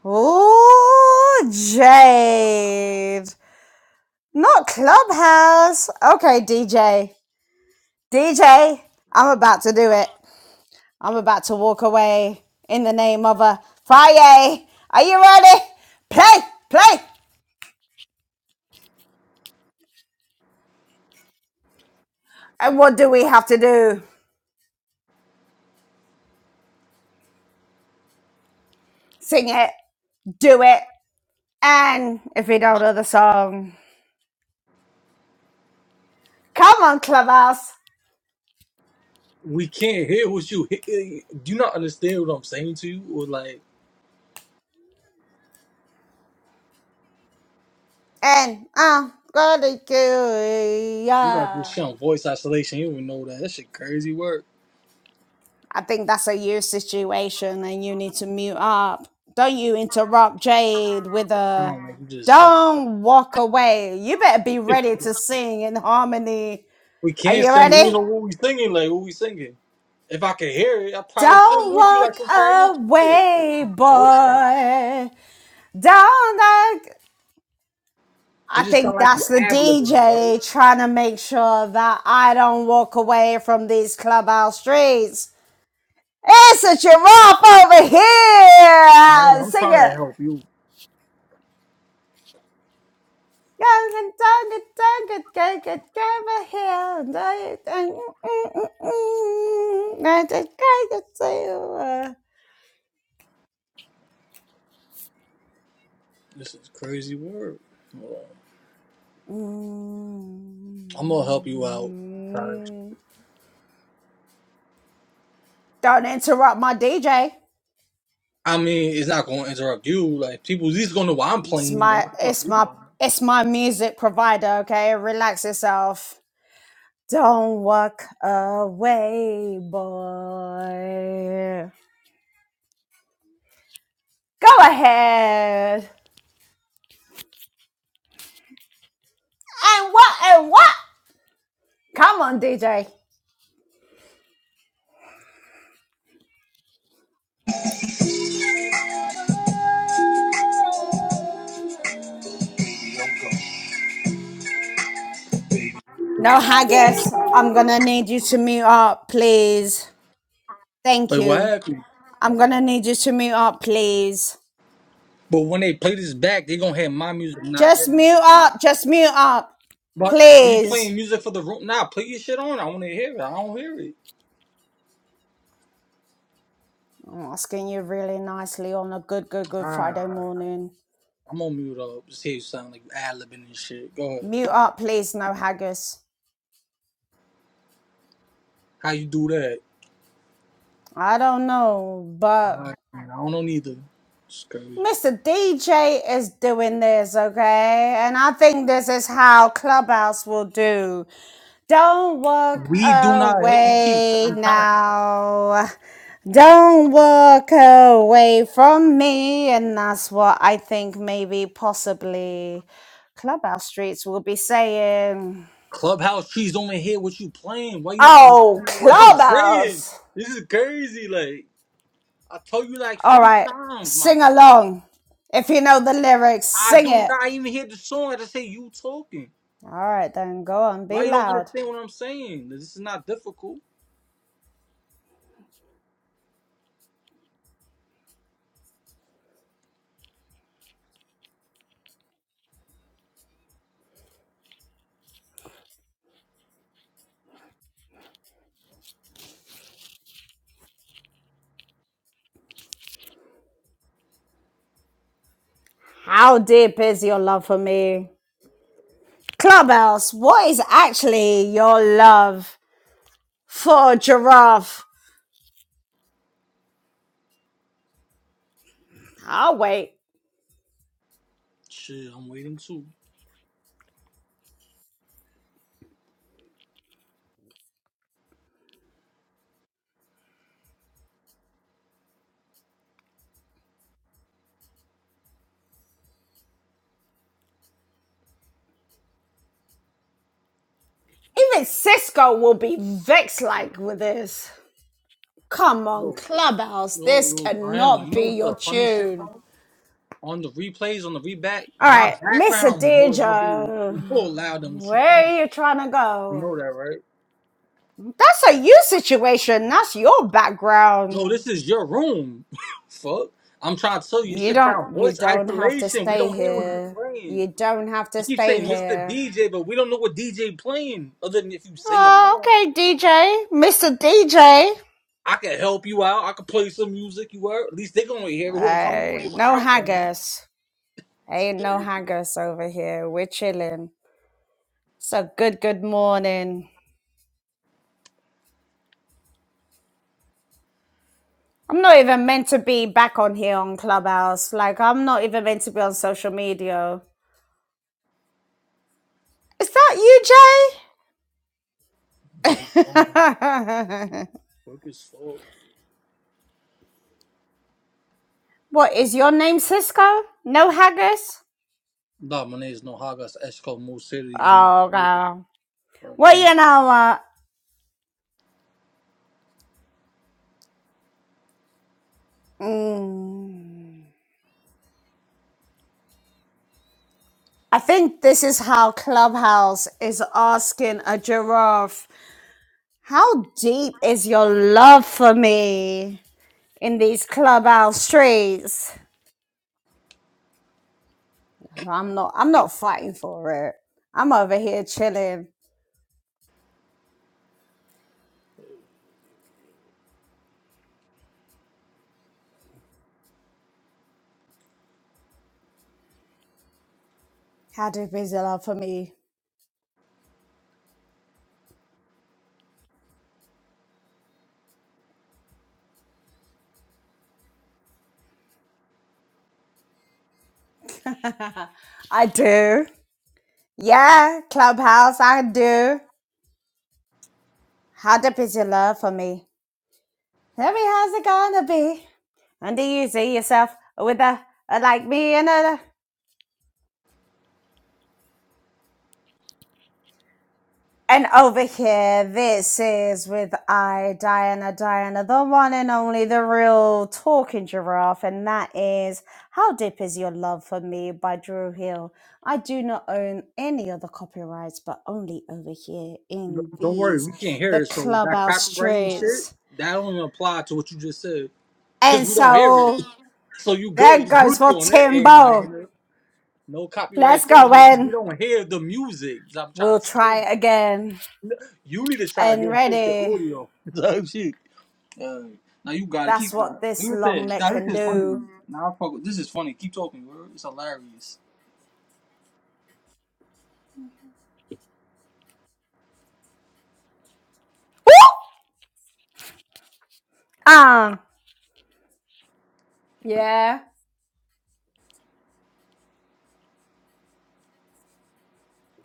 Ooh, Jade. Not Clubhouse. Okay, DJ. DJ, I'm about to do it. I'm about to walk away in the name of a Friday. Are you ready? Play, play. And what do we have to do? Sing it, do it. And if we don't know the song, come on, Clubhouse.
We can't hear what you hear. Do you not understand what I'm saying to you? Or like,
And I'm gonna do it.
you got this
yeah.
shit on voice isolation. You don't even know that. That shit crazy work.
I think that's a you situation and you need to mute up. Don't you interrupt Jade with a
Sound like we just talk.
don't walk away. You better be ready to sing in harmony.
We
Are
can't
you
sing. We
ready?
know what we singing. Like what we singing. If I could hear it, I probably sing
Don't
with you like
walk
some karaoke shit.
away,
bro.
boy. Don't like I
It just sound
think
like you
that's the
ad libbing, bro.
DJ trying to make sure that I don't walk away from these clubhouse streets. It's a giraffe over
Ryan,
here.
I'm
Sing
trying to
it.
help you.
Young and done it, done it, go get And I and mm, mm, mm, mm. I just kind of say, uh,
This is crazy work. Hold on. I'm gonna help you out. Tyler.
mm. don't interrupt my DJ.
I mean, it's not gonna interrupt you. Like people at least gonna know why I'm
It's
playing. They
my,
don't fuck
it's
you
my, it's my music provider. Okay, relax yourself. Don't walk away, boy. Go ahead. And what? And what? Come on, DJ.
playing.
No, Haggis, I'm gonna need you to mute up, please. Thank
Like what
you.
happened?
I'm gonna need you to mute up, please.
But when they play this back, they gonna have my music, not
Just
your
mute
music.
up, just mute up,
But are you playing
please.
music for the room? Nah, put your shit on. I want to hear it. I don't hear it.
I'm asking you really nicely on a good, good, good Friday
Ah,
morning.
I'm on mute up. Just hear you sound like ad libbing and shit. Go ahead.
Mute up, please, no Haggis.
How you do that?
I don't know, but
Ah, man, I don't know neither. It's crazy.
Mr. DJ is doing this, okay? And I think this is how Clubhouse will do. Don't walk
We do not. hit- You keep.
away
I'm trying to.
now. Don't walk away from me. And that's what I think maybe possibly Clubhouse Streets will be saying.
Clubhouse trees don't even hear what you playing. Why you not
Oh,
understanding what I'm saying?
Clubhouse!
This is crazy. Like I told you like
All
50
right,
times, my
sing
guy.
along. If you know the lyrics,
I
sing
do
it.
not even hear the song. I just say you talking.
All right, then go on, be
Why you don't
loud.
understand what I'm saying? This is not difficult.
How deep is your love for me? Clubhouse, what is actually your love for a giraffe. I'll wait.
Shit, I'm waiting too.
Even Cisco will be vexed like with this. Come on,
Yo,
Clubhouse,
yo,
this
yo, Diana,
cannot
you know
be
what's
your
the funny shit,
tune.
bro? On the replays, on the reback,
All
my
right, Mr.
background noise gonna be
Deja,
more loud than what you
where
playing.
are you trying to
You
go?
know that, right?
That's a you situation. That's your background.
No, this is your room. Fuck. I'm trying to tell you, you
You
should find
don't. You
voice
don't have to
isolation. We
stay
don't hear what you're
here.
playing.
You don't have
You
to
keep
stay
saying Mr.
here.
DJ, but we don't know what DJ playing other than if you sing
Oh,
along.
okay, DJ, Mr. DJ.
I can help you out. I can play some music. You were at least they gonna hear it. whoever comes gonna
Uh,
hear what
no
I'm playing.
haggis. Ain't no hangers over here. We're chilling. So good, good morning. I'm not even meant to be back on here on Clubhouse. Like, I'm not even meant to be on social media. Is that you,
They gone.
Jay?
Fuck is fuck.
what is your name, Cisco? No haggis?
No, my name is Nohagas Esco Mo City. in
Oh, God.
Mo-
Well, you know what? Mm. I think this is how Clubhouse is asking a giraffe, How deep is your love for me? in these clubhouse streets. No, I'm not. I'm not fighting for it. I'm over here chilling. How deep is your love for me? I do. Yeah, clubhouse. I do. How deep is your love for me? Tell me how's it gonna be? And do you see yourself with a, a like me and a? And over here, this is with I, Diana, Diana, the one and only, the real talking giraffe. And that is How Deep Is Your Love for Me by Drew Hill. I do not own any other copyrights, but only over here in
Don't worry,
these,
we can't hear
the
it. So that
clubhouse
copywriting shit,
streets.
that only not apply to what you just said, cause
And
we don't hear it.
so
So you good,
there
you
goes
goofy
for
on that end. I ain't
Timbo.
no no copyright
Let's go
infringement, cause we
in.
don't hear the music. I'm trying
We'll
to tell
try
you,
it again.
you need to try
And
again, and fix your
ready.
audio. So shit. Uh, now you gotta
That's
keep that.
what
Do
this
your
long
thing.
neck
Now
can
this is funny.
do.
Now I fuck. with- This is funny. Keep talking, bro. It's hilarious.
Ah! Yeah.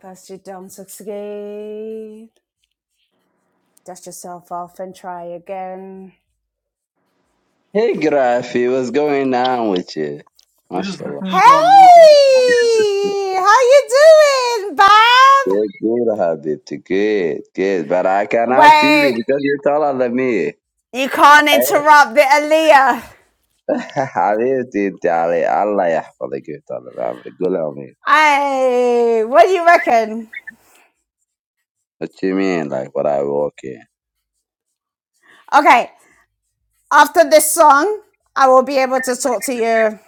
First you don't succeed. Dust yourself off and try again.
Hey, Grafi, what's going on with you?
We're just
MashaAllah.
Hey!
listening on music.
How you doing, Bob?
Good, good, Habibti. Good, good. But I cannot see you
Wait,
because you're taller than me.
you can't interrupt the Aaliyah.
Habibti, انت علي الله يحفظك you're taller than me. قول أمير.
Hey, what do you reckon?
What you mean, like what I walk in?
Okay, after this song, I will be able to talk to you.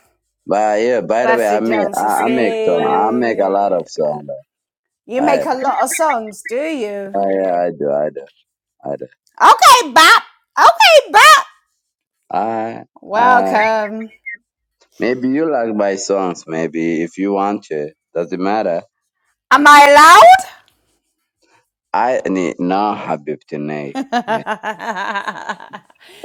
But yeah, by the way,
First
I
you
make,
don't
I, I make song. I make a lot
succeed.
of song. though.
You make
I,
a lot of songs, do you?
I, I do, I do, I do.
Okay, Bob. Okay, Bob.
I, I,
Welcome.
maybe you like my songs, maybe, if you want to. Doesn't matter.
Am I
I nah, حبيبتي
allowed?
الناي الناي.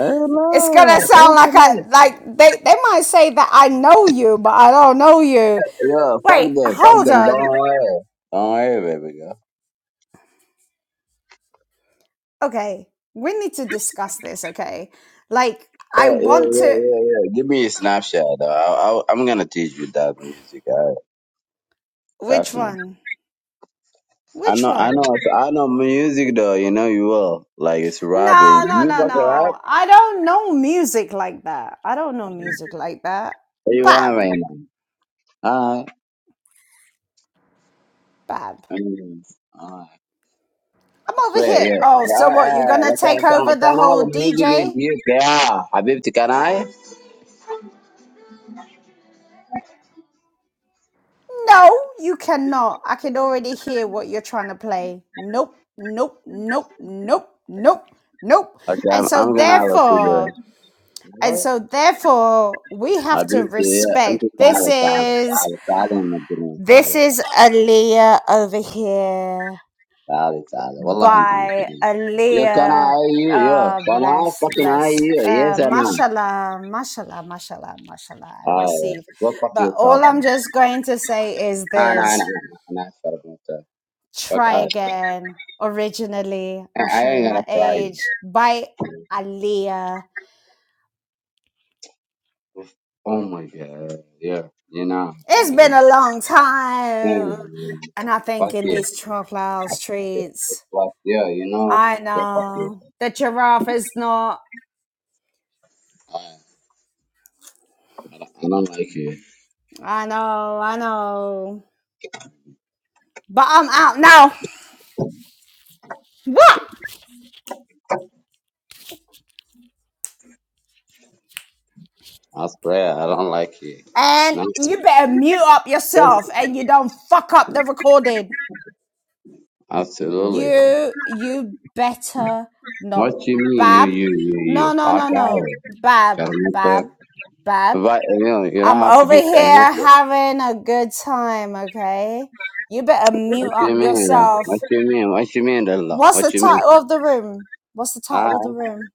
Eh,
it's
no,
gonna
fuck
sound
them.
like a
nigga.
like they they might say that I know you, but I don't know you.
Yeah, fuck
Wait,
them, fuck
hold
them. Don't
on.
worry, don't worry, baby girl.
Okay, we need to discuss this. Okay, like I
Yeah, yeah,
want
yeah,
to.
yeah. yeah. Give me a snapshot. Though. I, I, I'm gonna teach you that music. I,
Which
trust me.
one?
I
Which
know, I know,
one?
so I know music though. You know you will. Like it's rapping.
No, no,
You
no,
fucking rap?
no. I don't know music like that. I don't know music like that.
What you want
Bab,
right now? Alright.
bab.
Mm, alright.
I'm
I
over
swear,
here.
yeah.
Oh, so
Yeah,
what? You're
yeah.
gonna
Like, Can,
take
can,
over the
can I have
whole
a music with
DJ?
you? Yeah. Habibti, can I?
No, you cannot. I can already hear what you're trying to play. Nope, nope, nope, nope, nope, nope.
Okay, I'm,
And so
I'm gonna have a
therefore,
cigarette.
and
Right?
so therefore, we have to
حبيبتي هي انت
respect. This
تعالي تعالي
is
تعالي تعالي مجنون
this
تعالي
is Aaliyah over here
تعالي تعالي والله انت
by
مجنون يا كان
Aaliyah.
اي يا
Ah,
كان اي
bless,
fucking اي
bless.
يا
Uh,
انا اي
mashallah, mashallah, mashallah, mashallah. I receive.
what fuck
But
you
all
talking
I'm just going to say is
انا انا
this.
انا انا اشرب انت fuck
Try
out
Again, Originally, I'm
I I ain't
showing
gonna
my
try you
age, by Aaliyah.
oh my god yeah you know
It's been
and,
a long time.
and
And I think
fuck
in
you
these Troclow
yeah,
streets,
it's what yeah you know
I
yeah fuck you
know the giraffe is not.
I, I don't I don't like you
I know, I know. But I'm out now. What?
I swear, I don't like you. And
And
I'm
you better mute up yourself
disgusted.
and you don't fuck up the recording.
Absolutely.
You you better
What
not
you mean, you,
Bab.
you, you, you?
No no
Fuck
no
out
no
of
Bab
here. Charmito.
Bab Bab.
But, you know, you don't
I'm
have to
over
be charmito.
here having a good time, okay? You better
What
mute
you
up
mean? uh, What
yourself.
you mean? What you mean, Dilla?
What's the
What you mean?
title of the room? What's the
I,
title of the room?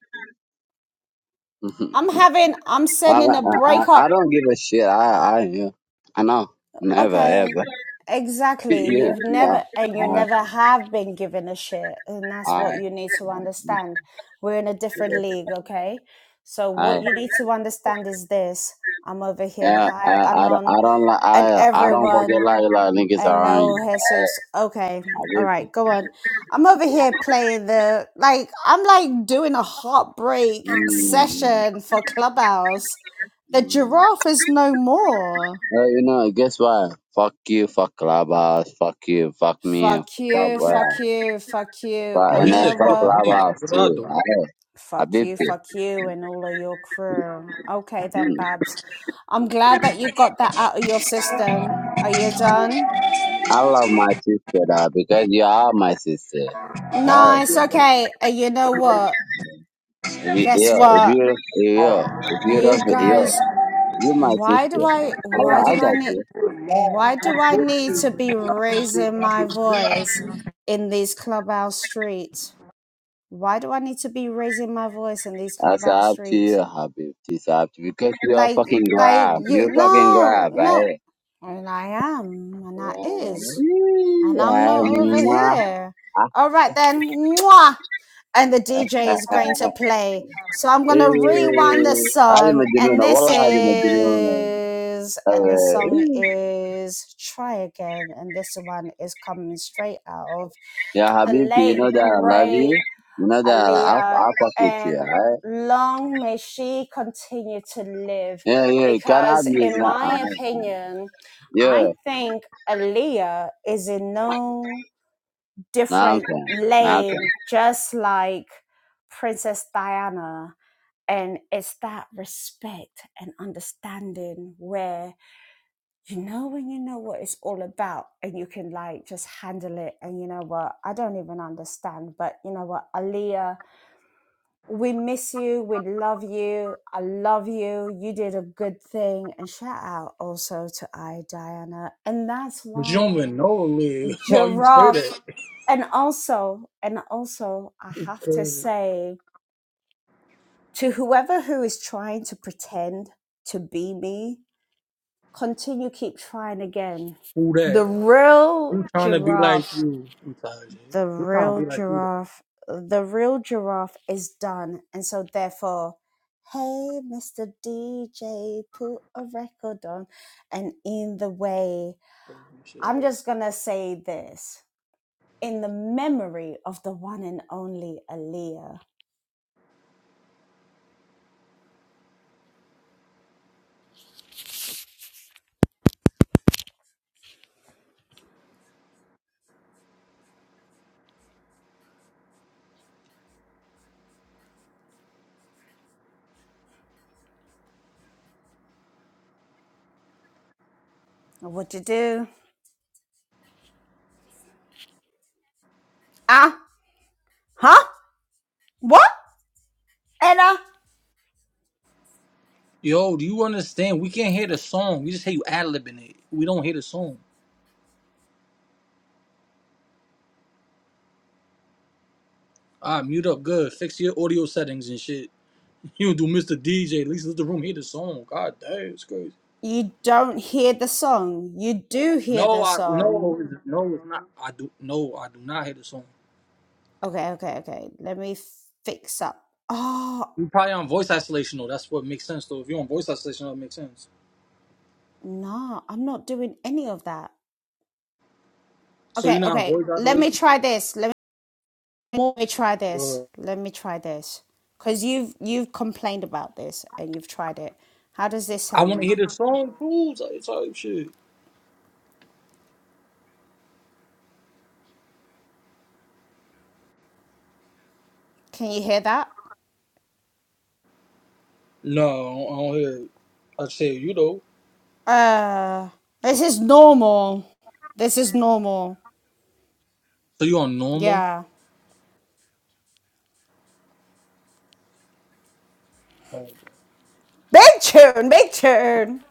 I'm having I'm
I,
sending
I,
a
I
breakup
I don't give a shit. I, I, you know, I know. Never, ever.
Okay, exactly.
yeah,
You've
yeah.
never and you
I,
never have been given a shit, and that's
I,
what you need to understand. We're in a different league, okay? So
I,
what you need to understand is this: I'm over here,
yeah, I,
hi
I,
Anon,
I don't like,
and
I, I don't fucking like a
everyone,
lot of niggas
and
around you.
no
I
Jesus. Okay, all
just
right, go on. I'm over here playing the like I'm like doing a heartbreak
Mm,
session for Clubhouse. The
mm.
giraffe is no more.
Uh, you know, guess what? Fuck you, fuck Clubhouse, fuck you, fuck me, and
Fuck
fuck up,
you,
uh,
fuck you, fuck you.
fuck,
And
Well,
and
you
you
then
said
know
fuck
fuck
what?
me. What
Clubhouse
did I
too.
do?
I, I
Fuck
beeped
you,
it.
fuck you, and all of your crew. Okay then,
Mm.
Babs. I'm glad that you got that out of your system. Are you done?
I love my sister though, because you are my sister. Hey,
Nice, okay. And you know what?
if you
Guess
yo, if
what?
you yo, if you don't
You
yo,
guys
you my
why do
sister.
I
I
why
love, I
do I
got
need
you.
why do I need to be raising my voice in these clubhouse streets? Why do I need to be raising my voice in these
That's
clubhouse
up to
streets?
you, Habib. It's up to you because you are
Like,
fucking
like
grab.
you,
You fucking
no,
grab,
no.
right?
And I am, and I is, and I'm
Yeah,
not over
mwah.
here.
Ah,
All right then, mwah. And the DJ is
ah,
going to
ah.
play. So I'm gonna
Eh,
rewind the
هذه
song, and
مجنونة
this
والله هذه مجنونة
is, and the
أوه.
song is "Try Again," and this one is coming straight out of
يا
the
حبيبتي you know
late
that I love you
great
you know that I, I I
Aaliyah,
fuck with you
and
alright
long may she continue to live.
yeah yeah can I
Because,
be
in my opinion,
yeah
I think Aaliyah is in no
Nah, I'm
different
fine Nah, I'm fine
lane, just like Princess Diana. And it's that respect and understanding where you know when you know what it's all about and you can like just handle it. And you know what? I don't even understand, but you know what? Aaliyah we miss you. We love you. I love you. You did a good thing. And shout out also to I, Diana. And that's
But you don't
why
even know a Lil. Why you say
Giraffe.
that?
And also, and also, I
It's
have to
crazy.
say to whoever who is trying to pretend to be me, continue, keep trying again.
Who
The
that?
real
Who trying to be like
giraffe
you? We tired, Jay.
the
Who trying to
real
be like you? Though?
giraffe the real giraffe is done and so therefore hey mr dj put a record on and in the way
Crazy
i'm
shit.
just gonna say this in the memory of the one and only Aaliyah. What you do? Ah, huh? What? Ella?
Yo, do you understand? We can't hear the song. We just hear you ad libbing it. We don't hear the song. Ah, mute up. Good. Fix your audio settings and shit. You do Mr. DJ. At least let the room hear the song. God damn, it's crazy.
You don't hear the song. You do hear
No,
the
I
song.
no, it's- no, it's not. I do no, I do not hear the song.
Okay, okay, okay. Let me fix up. Oh.
You're probably on voice isolation though. That's what makes sense though. If you're on voice isolation, that makes sense.
No, I'm not doing any of that.
So you're
Okay,
not on
okay.
voice
Let me
isolation?
try this. Let me, let me try
Go
this.
ahead.
Let me try this. Cause you've you've complained about this and you've tried it. How does this
I want to
sound?
hear the song, cool type type shit.
Can you hear that?
No, I don't I don't hear it. I say you though.
Uh, this is normal. This is normal.
So you on normal?
Yeah.
Hold on.
Big tune, big tune.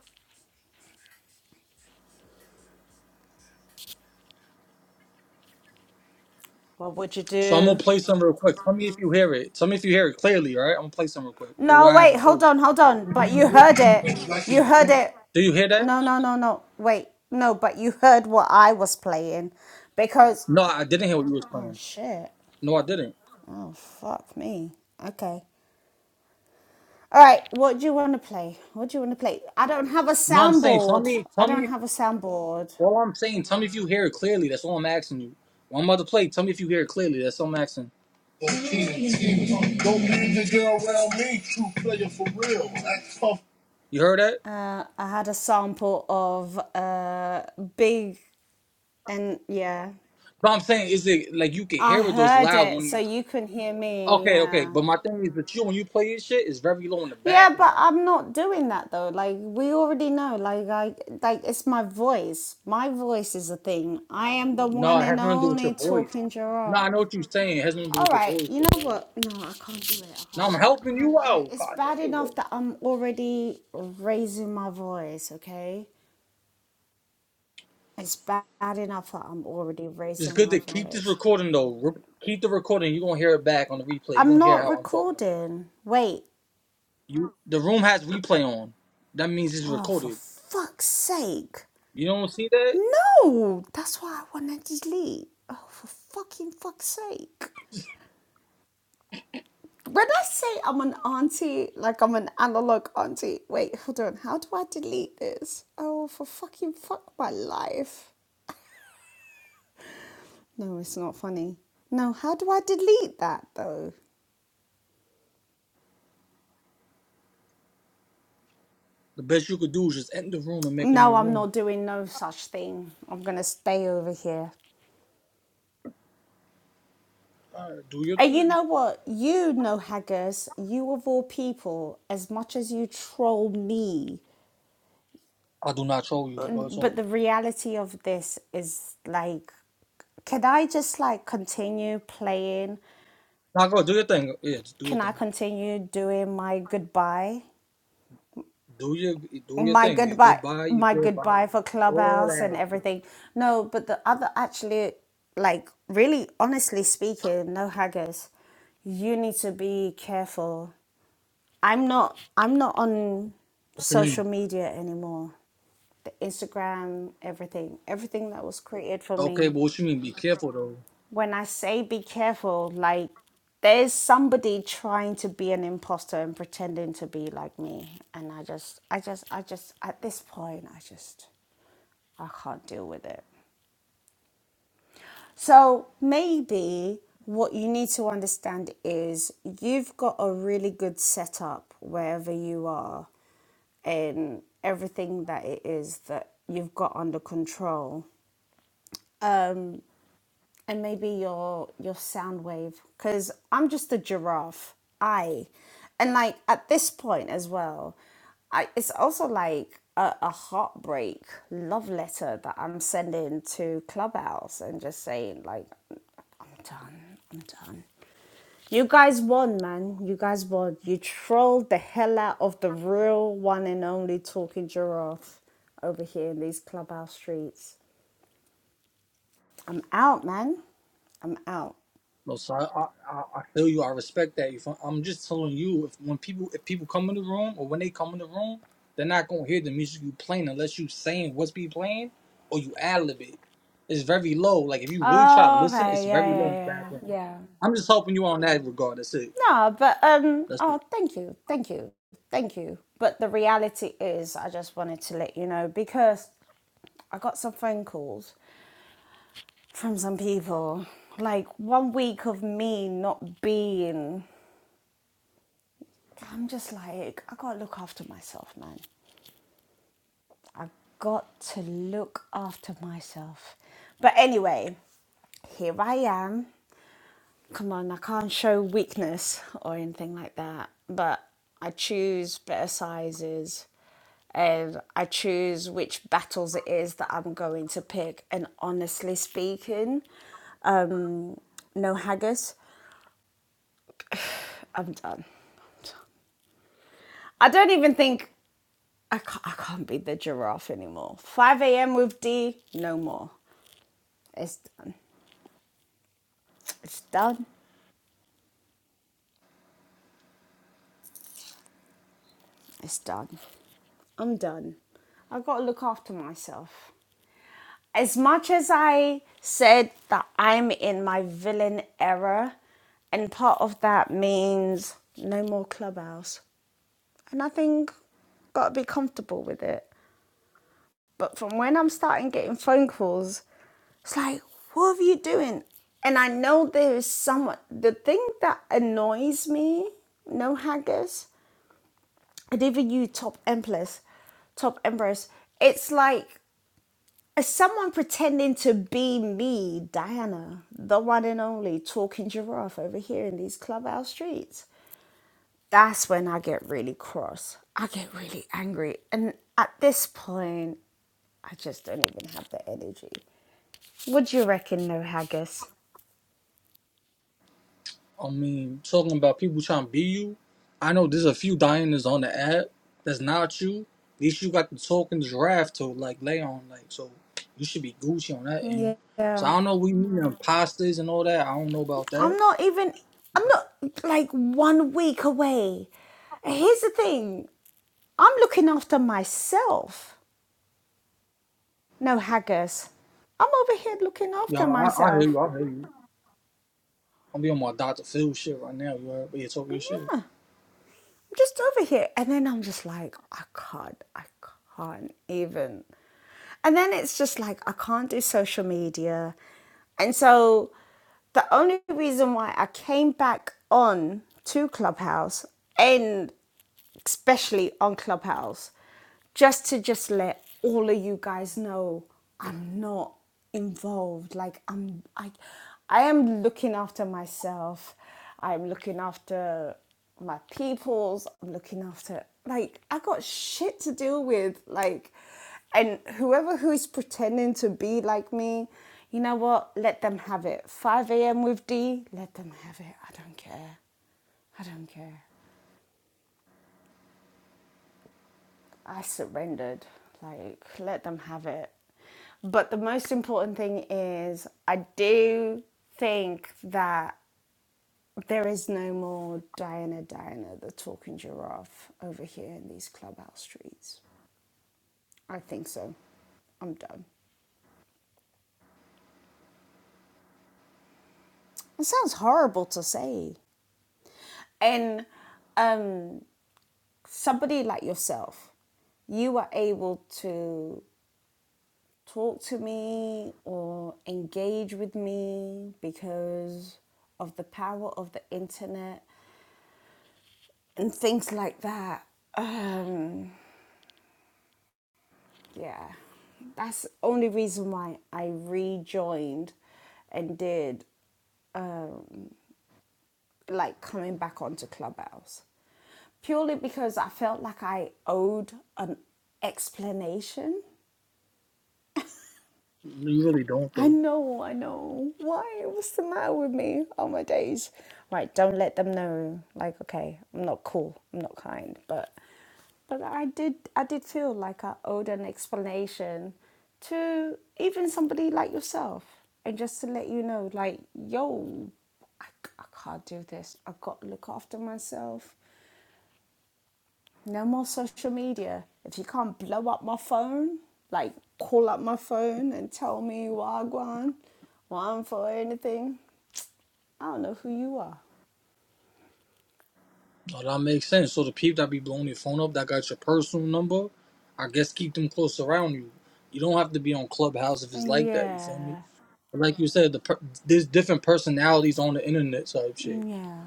What would you
So I'm gonna
do?
play some real quick. Tell me if you hear it. Tell me if you hear it clearly, all right? I'm gonna play some real quick. Well,
No,
what I had
wait,
before.
hold on, hold on. But you heard it. You heard it.
Do you hear that?
No, no, no, no. Wait, no, but you heard what I was playing. Because.
No, I didn't hear what you was
Oh,
playing.
shit.
No, I didn't.
Oh, fuck me. Okay. All right, what do you want to play? What do you want to play? I don't have a
No, I'm saying, tell
soundboard.
me,
I
tell
don't
me.
have a soundboard.
All I'm saying, tell me if you hear it clearly. That's all I'm asking you. Well, I'm about to play. Tell me if you hear it clearly. That's all I'm asking. Don't leave your girl around me, true player for real. Act tough. You heard that?
Uh, I had a sample of uh, Big and yeah.
But I'm saying is it like you can
I
hear it those
heard
loud
it,
when
so
you
you can hear me,
Okay, okay.
yeah.
But my thing is that you when you play your shit it's very low in the
Yeah, but
background.
I'm not doing that though. Like we already know. Like I like it's my voice. My voice is a thing. I am the
No,
one
it has
and
nothing to do with your
only
voice.
talking
No, I
giraffe.
know what you're saying. It has nothing to do
All
with your
right,
voice
you
though,
know
bro.
what? No, I can't do it. I
No,
can't
I'm
do it.
helping
I
you
can't. Like
out.
it's
God
bad
damn
enough
it.
that I'm already raising my voice. Okay, it's ba- bad enough that I'm already
It's
raising
good
my
to keep this
voice.
recording though. Re- keep the recording. You're gonna hear it back on the replay. You're
I'm
gonna hear
not
how I'm talking about. it.
recording. Wait.
You the room has replay on. That means it's
Oh, for
recorded.
fuck's sake.
You don't see that?
No, that's why I wanted to leave. Oh, for fucking fuck's sake. When I say I'm an auntie, like I'm an analog auntie, wait, hold on, how do I delete this? Oh, for fucking fuck my life. No, it's not funny. No, how do I delete that though?
The best you could do is just end the room and make a new
No, I'm
room.
not doing no such thing. I'm gonna stay over here.
All right, do your
And you
thing.
know what? You know, Haggers, you of all people, as much as you troll me
I do not troll you, but go talk.
but the reality of this is like can I just like continue playing?
Nah, go do your thing. Yeah, just do your
Can I
thing.
continue doing my goodbye?
Do your do your
My
thing. Your
goodbye
goodbye, your
my
goodbye,
goodbye for
all
clubhouse and
that.
everything. No, but the other actually like really honestly speaking, no haggers, you need to be careful. I'm not I'm not on
What you mean?
social media anymore. The Instagram, everything. Everything that was created for
Okay,
me
but what you mean? Be careful though.
when I say be careful, like there's somebody trying to be an imposter and pretending to be like me. And I just, I just, I just, at this point, I just, I can't deal with it. So maybe what you need to understand is you've got a really good setup wherever you are and everything that it is that you've got under control Um, and maybe your your sound wave because i'm just a giraffe i and like at this point as well i it's also like a, a heartbreak love letter that i'm sending to clubhouse and just saying like i'm done i'm done you guys won, man. You guys won. You trolled the hell out of the real one and only talking giraffe over here in these clubhouse streets. I'm out, man. I'm out.
No, so I, I, I I feel you. I respect that. You, feel- I'm just telling you, if when people if people come in the room or when they come in the room, they're not gonna hear the music you playing unless you saying what's be playing or you ad lib it. It's very low. Like if you really try to
Oh,
listen, it's
okay. Yeah,
very low in
yeah,
the
yeah,
background.
yeah.
I'm just helping you on that regard. That's it.
No, but um.
That's it.
Oh, thank you, thank you, thank you. But the reality is, I just wanted to let you know because I got some phone calls from some people. Like one week of me not being, I'm just like, I gotta look after myself, man. I got to look after myself. But anyway, here I am. come on, I can't show weakness or anything like that. But I choose better sizes and I choose which battles it is that I'm going to pick. And honestly speaking, um, no haggis, I'm done. I don't even think I can't, I can't be the giraffe anymore. 5 a.m. with D, no more. It's done. It's done. It's done. I'm done. I've got to look after myself. as much as I said that I'm in my villain era, and part of that means no more clubhouse, and I think gotta be comfortable with it. But from when I'm starting getting phone calls, it's like, what are you doing? And I know there is someone. The thing that annoys me, no haggis, and even you, top empress, top empress. It's like As Someone pretending to be me, Diana, the one and only talking giraffe over here in these clubhouse streets. That's when I get really cross. I get really angry. And at this point, I just don't even have the energy. What do you reckon, no haggis?
I mean, talking about people trying to be you. I know there's a few Dianas on the app that's not you. At least you got the token draft to like lay on, like so you should be Gucci on that end.
Yeah.
So I don't
I'm
know. We mean imposters and all that. I don't know about that.
not even, I'm not like one week away. Here's the thing I'm looking after myself. No haggis. I'm over here looking
Yeah,
after
I, I hear you.
myself.
I hear you. I'm be on my Dr. Phil shit right now. You heard? But you talking your shit.
I'm just over here. And then I'm just like, I can't, I can't even. And then it's just like, I can't do social media. And so the only reason why I came back on to Clubhouse and especially on Clubhouse, just to just let all of you guys know I'm not involved. Like I'm I I am looking after myself. I'm looking after my peoples. I'm looking after like I got shit to deal with. Like and whoever who's pretending to be like me, you know what? Let them have it. 5 a.m. with D, let them have it. I don't care. I don't care. I surrendered. Like, let them have it. But the most important thing is, I do think that there is no more Diana Diana, the talking giraffe, over here in these clubhouse streets. I think so. I'm done. It sounds horrible to say. And um, somebody like yourself, you are able to talk to me or engage with me because of the power of the internet and things like that. Um, yeah, that's the only reason why I rejoined and did like coming back onto Clubhouse purely because I felt like I owed an explanation
You really don't
I
though.
know, I know. Why? What's the matter with me? Oh my days. Right, don't let them know. Like, okay, I'm not cool. I'm not kind. But but I did I did feel like I owed an explanation to even somebody like yourself. And just to let you know, like, yo, I, I can't do this. I've got to look after myself. No more social media. If you can't blow up my phone, like call up my phone and tell me Wagwan, one for anything, I don't know who you are.
No, that makes sense. So the people that be blowing your phone up, that got your personal number, I guess keep them close around you. You don't have to be on Clubhouse if it's like that. You feel me?
Yeah.
like you said, the per- there's different personalities on the internet type shit.
Yeah.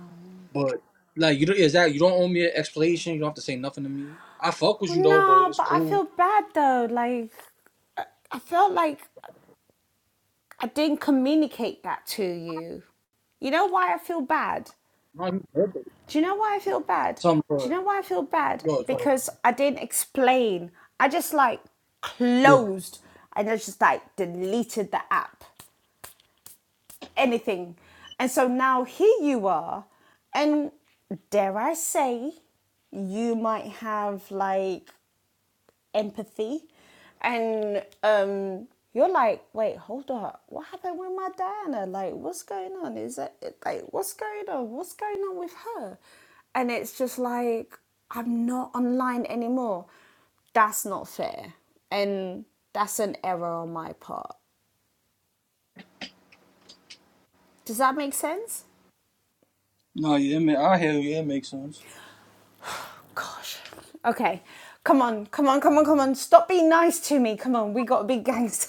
But like you don't exactly you don't owe me an explanation. You don't have to say nothing to me. I fuck with you though, but
No,
it's
but I
cool.
feel bad though. Like, I I felt like I didn't communicate that to you. You know why I feel bad?
No, you perfect.
Do you know why I feel bad?
Something
Do you
for
know why I feel bad?
yo, it's like,
Because I didn't explain. I just like
yeah.
closed and I just like deleted the app, anything. And so now here you are, and dare I say, you might have like empathy. And um, you're like, wait, hold up. What happened with my Diana? Like, what's going on? Is that like, what's going on? What's going on with her? And it's just like, I'm not online anymore. That's not fair. And that's an error on my part. Does that make sense?
No, yeah, man, I hear you. It makes sense.
Gosh. Okay. Come on, come on, come on, come on. Stop being nice to me. Come on, we gotta be gangster.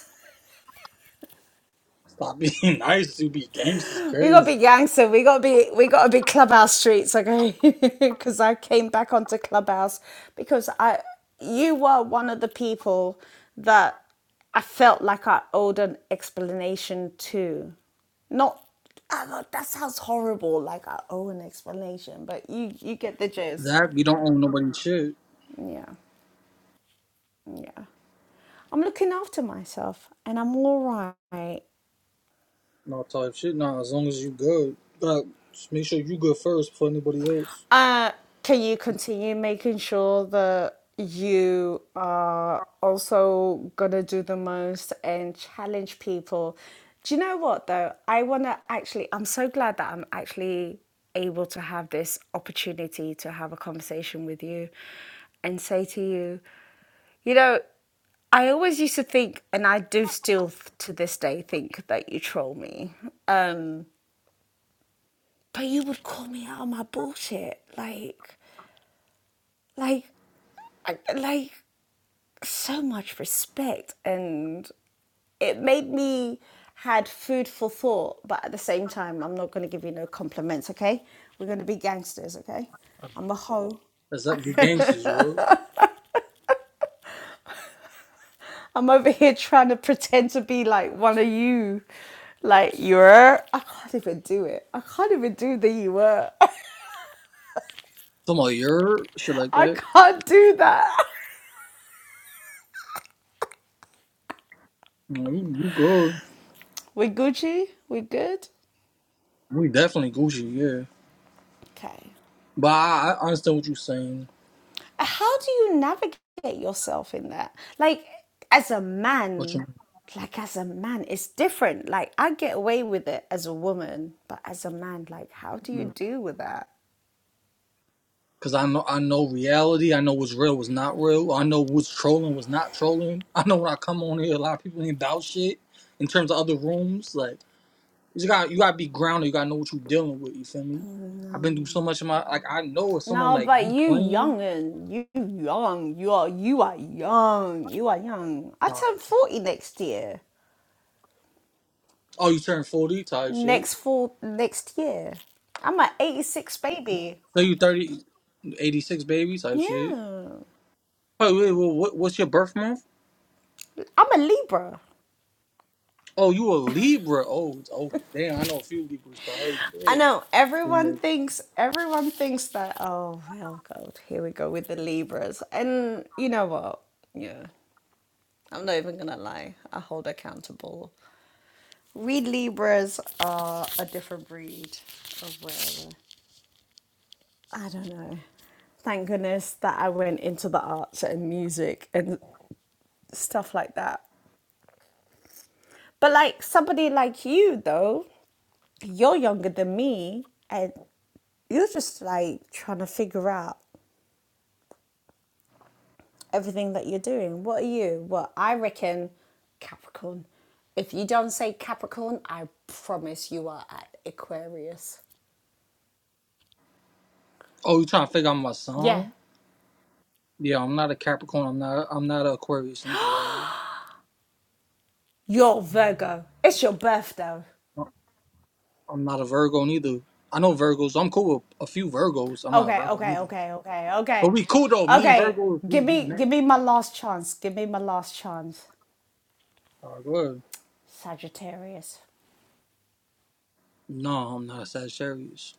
Stop being nice to be gangsters
We gotta be
crazy.
gangster. We gotta be we gotta be clubhouse streets, okay? Because I came back onto clubhouse because I you were one of the people that I felt like I owed an explanation to. Not oh God, that sounds horrible. Like I owe an explanation, but you you get the gist.
That we don't own nobody's shit.
Yeah, yeah. I'm looking after myself and I'm all right.
No type shit. Nah, as long as you good, but just make sure you good first before anybody else.
Uh, can you continue making sure that you are also gonna do the most and challenge people? Do you know what though? I wanna actually, I'm so glad that I'm actually able to have this opportunity to have a conversation with you and say to you, you know, I always used to think, and I do still to this day think that you troll me. Um, but you would call me out on my bullshit. Like, like like so much respect and it made me had food for thought but at the same time i'm not going to give you no compliments okay we're going to be gangsters okay i'm a hoe
That's that be gangsters, you heard?
i'm over here trying to pretend to be like one of you like you are i can't even do it i can't even do the you were
Somebody, you heard? Shit like
i
that.
can't do that
You, know, you you good.
we gucci we good
We definitely Gucci, yeah.
okay
But I, I understand what you're saying.
how do you navigate yourself in that? Like, as a
What
man, like as a man, it's different. Like, I get away with it as a woman, but as a man, like, how do you
you
deal with that?
because I know I know reality. I know what's real, what's not real. I know what's trolling, what's not trolling. I know when I come on here, a lot of people ain't about shit in terms of other rooms. Like you got you gotta be grounded. You gotta know what you're dealing with. You feel me? I've
No,
been through so much in my like. I know if someone
no,
like
but
you
you
playing.
young and you young, you are you are young, you are young. I
Sorry.
turn forty next year.
Oh, you turned 40 type shit.
Next fall, next year, I'm an eighty six baby.
So you 30 86 baby type shit.
Yeah,
Oh wait, well, what, what's your birth month?
I'm a Libra.
Oh, you a Libra? Oh, it's- oh, damn! I know a few Libras. So oh, yeah.
I know
It
everyone thinks everyone thinks that oh well god here we go with the Libras and you know what yeah I'm not even gonna lie I hold accountable we Libras are a different breed of whatever I don't know thank goodness that I went into the arts and music and stuff like that but like somebody like you though you're younger than me and you're just like trying to figure out everything that you're doing. What are you? Well, I reckon, Capricorn. If you don't say Capricorn, I promise you are at Aquarius.
Oh, you trying to figure out my
Yeah.
sign? Yeah, I'm not a Capricorn. I'm not. I'm not a Aquarius neither. Bro.
You're Virgo. It's your birthday.
I'm not a Virgo neither. I know Virgos. I'm cool with a few Virgos. I'm not a
Okay,
Virgo
okay,
neither.
okay, okay,
But
okay,
we cool though. Me and
okay.
Virgos, we
Give
we
me,
match.
give me my last chance. Give me my last chance.
Oh, go ahead.
Sagittarius.
No, I'm not a Sagittarius.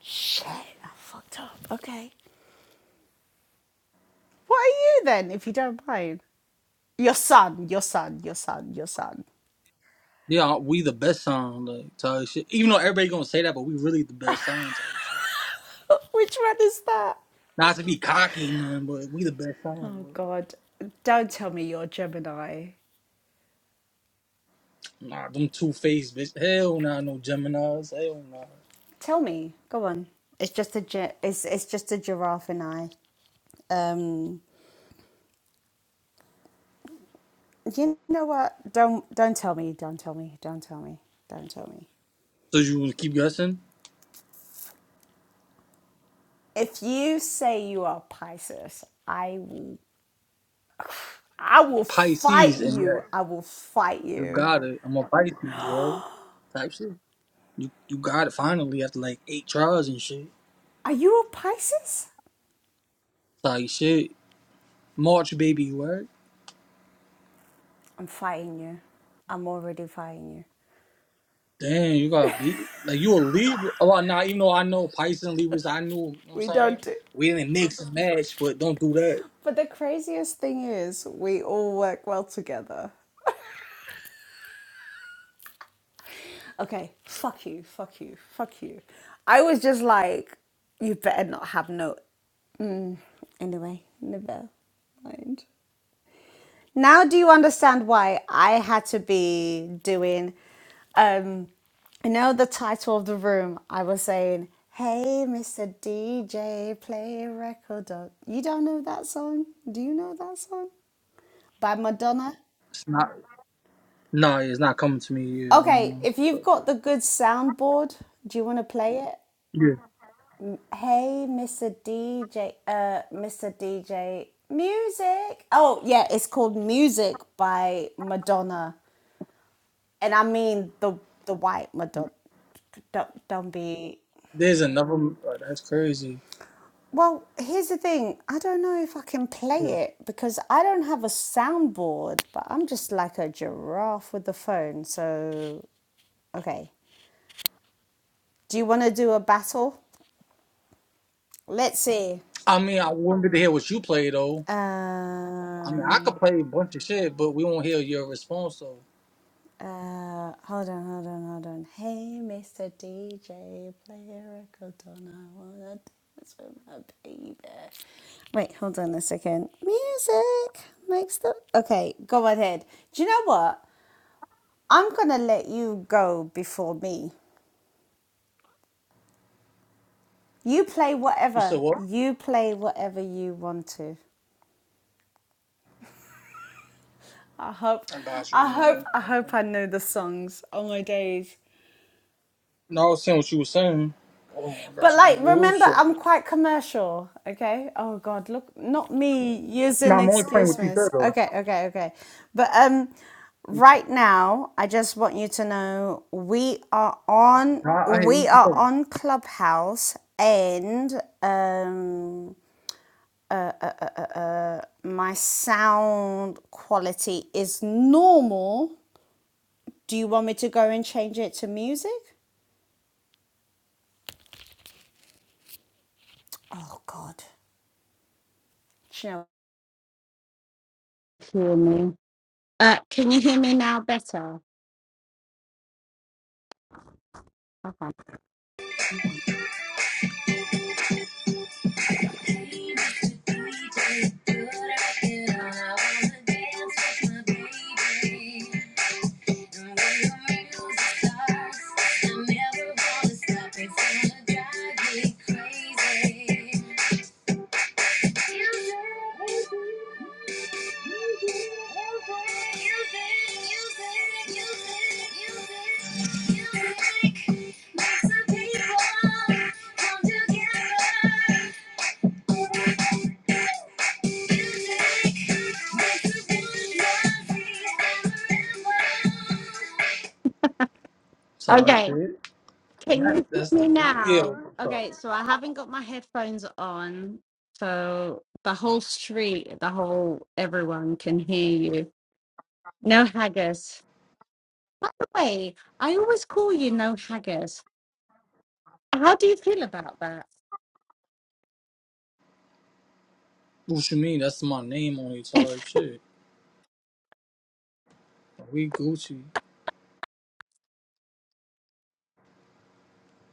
Shit, I fucked up. Okay. What are you then, if you don't mind? Your son, your son, your son, your son.
Yeah, we the best sign, like type shit. Even though everybody gonna say that, but we really the best sign type shit.
Which one is that?
Not to be cocky, none, but we the best sign.
Oh
bro.
God! Don't tell me you're Gemini.
Nah, them two faced bitch. Hell nah, no Geminis. Hell nah.
Tell me. Go on. It's just a gi- it's it's just a giraffe and I. Um, you know what? Don't don't tell me. Don't tell me. Don't tell me. Don't tell me.
So you will keep guessing?
If you say you are Pisces, I will. I will fight
Pisces, and yeah,
you. I will fight
you
you.
got it. I'm a Pisces, right? Type shit. You you got it finally after like eight tries and shit.
Are you a Pisces?
Like shit. March baby, right?
I'm fighting you. I'm already fighting you.
Damn, you got beat. Like you a Libra. Oh, well, nah, even though I know Pisces and Libras, I knew, you know what I'm
We
saying?
don't do.
We didn't mix and match, but don't do that.
But the craziest thing is, we all work well together. Okay, fuck you, fuck you, fuck you. I was just like, you better not have no. Anyway, never mind. Now, do you understand why I had to be doing? Um, you know the title of the room. I was saying, "Hey, Mr. DJ, play a record." Of... You don't know that song? Do you know that song by Madonna?
It's not, nah, it's not coming to me. Yeah, I don't
Okay,
know.
if you've
Fuck
got
it.
the good soundboard, do you want to play it?
Yeah.
Hey, Mr. DJ, uh, Mr. DJ, music. Oh, yeah, it's called Music by Madonna, and I mean the the white Madonna. Don't, don't be.
There's another, oh, that's crazy.
Well, here's the thing. I don't know if I can
Yeah.
play it because I don't have a soundboard, but I'm just like a giraffe with the phone. So, okay. Do you want to do a battle? Let's see.
I mean, I won't get to hear what you play though. I mean, I could
Um,
play a bunch of shit, but we won't hear your response So
Uh, hold on, hold on, hold on. Hey, Mr. DJ, play a record on. I wanna dance with my baby. Wait, hold on a second. Music makes the. Okay, go ahead. Do you know what? I'm gonna let you go before me. You play
You said
whatever.
what?
You play whatever you want to. I hope,
I got you.
I
Give me
hope,
one
I
second.
hope I know the songs. Oh my days.
No, I was saying what you were saying. Oh, I got
But
you. Give me
like,
one
remember,
second.
I'm quite commercial. Okay. Oh God, look, not me
No,
using
I'm only playing
excuse
what you said
me's.
though.
Okay, okay, okay. But um, right now, I just want you to know we are on
No, I, I hear
we are
what
on Clubhouse, and um, my sound quality is normal. Do you want me to go and change it to music? Oh God. Do
you saying. Sorry,
Okay.
shit.
Can
That's,
you hear
that's the
me
video. Yeah,
now?
so,
Okay, so I haven't got my headphones on, so the whole street, the whole everyone can hear you. No haggis. By the way, I always call you no haggis. How do you feel about that?
what you mean? That's my name on it, type shit. We Gucci.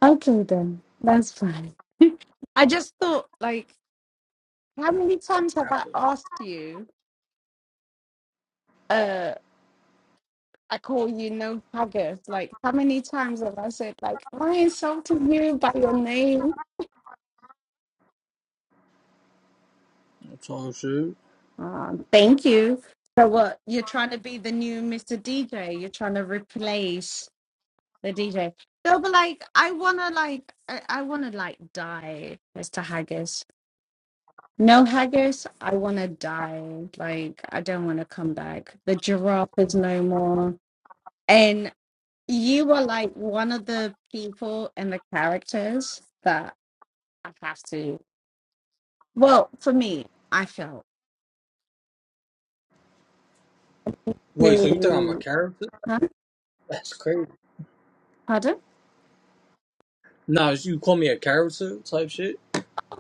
Okay, then that's fine. I just thought, like, how many times have
I
I
play.
asked you? Uh, I call you no haggis. Like, how many times have I said, like, am I insulting you by your name?
That's all I'm saying.
Um, thank you. So what you're trying to be the new Mr. DJ. You're trying to replace the DJ. No, but like I wanna like I, I wanna like die, Mr. Haggis. No haggis, I wanna die. Like I don't wanna come back. The giraffe is no more. And you were like one of the people and the characters that I have to well, for me, I felt
Wait, so you think I'm a
to
character?
huh?
That's crazy.
Pardon?
Nah, you call me a character type shit?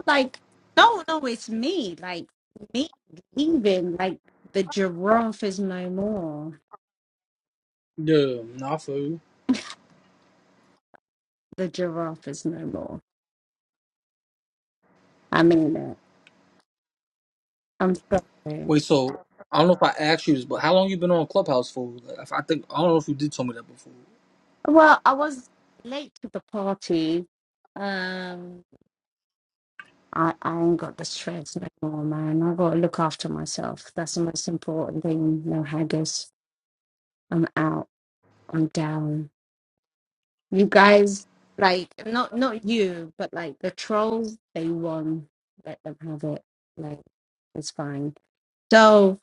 like, no, no, it's me. Like me leaving. Like the giraffe is no more.
Yeah, nah, for you.
The giraffe is no more. I mean it. I'm sorry.
Wait, so I don't know if I asked you this, but how long you been on Clubhouse for? Like, if I think I don't know if you did tell me that before.
Well, I was late to the party. Um, I I ain't got the stress no more, man. I got to look after myself. That's the most important thing. No haggis. I'm out. I'm down. You guys, like, not not you, but like the trolls, they won. Let them have it. Like, it's fine. So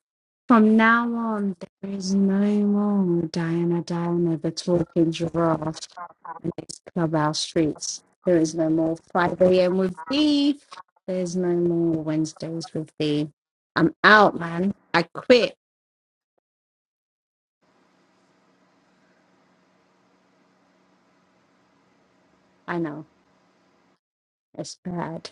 from now on, there is no more Diana Diana, the talking giraffe in these clubhouse streets. There is no more 5 a.m. with thee. There's no more Wednesdays with thee. I'm out, man. I quit. I know. It's bad.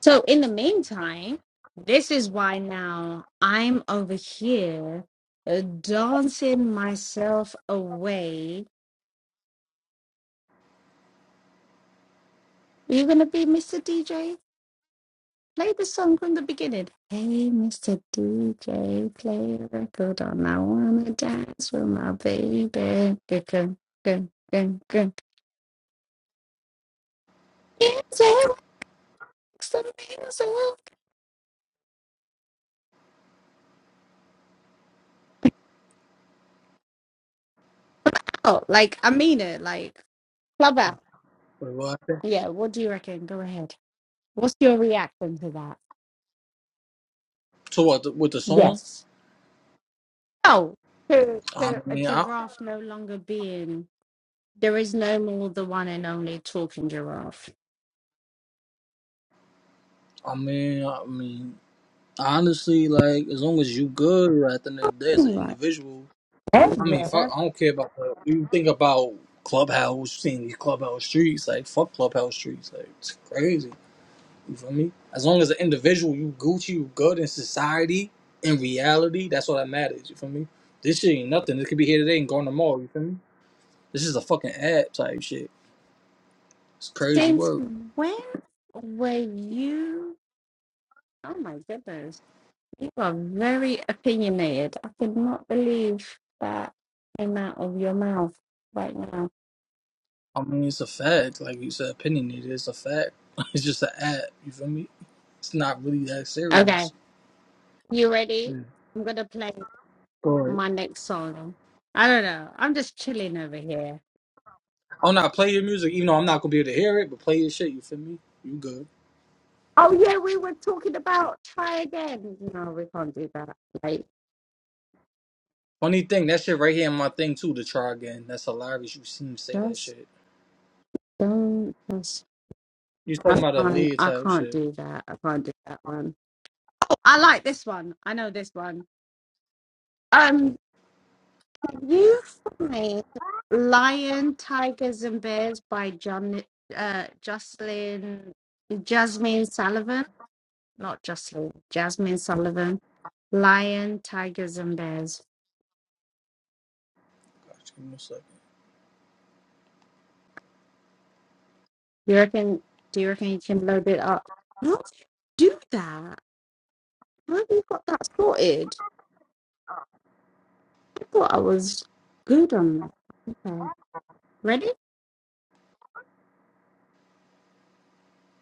So in the meantime, this is why now I'm over here uh, dancing myself away. Are you gonna be Mr. DJ? Play the song from the beginning. Hey, Mr. DJ, play the record on. I wanna dance with my baby. Good, good, good, good, good. It's a it's a music. Oh, like I mean it. Like club out.
Wait, what? happened?
Yeah. What do you reckon? Go ahead. What's your reaction to that?
So what? The, with the song?
Yes. Oh, to,
I
to a
mean, I,
giraffe no longer being. There is no more the one and only talking giraffe.
I mean, I mean, honestly, like as long as you good, right? At the end of the day, as an individual, I mean, fuck,
Whatever.
I don't care about the. You think about Clubhouse, seeing these Clubhouse streets, like fuck Clubhouse streets, like it's crazy. You feel me? As long as an individual, you Gucci, you good in society, in reality, that's all that matters. You feel me? This shit ain't nothing. It could be here today and gone tomorrow. You feel me? This is a fucking ad type shit. It's crazy
Since
work.
when were you? Oh my goodness. You are very opinionated. I could not believe that came out of your mouth right now.
I mean, it's a fact. Like you said, opinionated. It's a fact. It's just an ad. You feel me? It's not really that
Okay,
serious.
you ready?
Yeah.
I'm going to play
Go ahead.
my next song. I don't know. I'm just chilling over here.
I'm not play your music, even though I'm not gonna be able to hear it. But play your shit. You feel me? You good?
Oh yeah, we were talking about try again. No, we can't do that. Like
Funny thing, that shit right here in my thing too. To try again. That's hilarious. You seen him say that
just
shit.
don't just
You
I
talking about a
can't
lead
I
type
can't
shit.
do that. I can't do that one. Oh, I like this one. I know this one. Um can you find Lion, Tigers and Bears by John uh Jocelyn Jasmine Sullivan? Not Jocelyn, Jasmine Sullivan. Lion, Tigers and Bears.
Just give me a second.
Do you reckon? Do you reckon you can load it up? How do you do that? How have you got that sorted? I thought I was good on that. Okay, ready?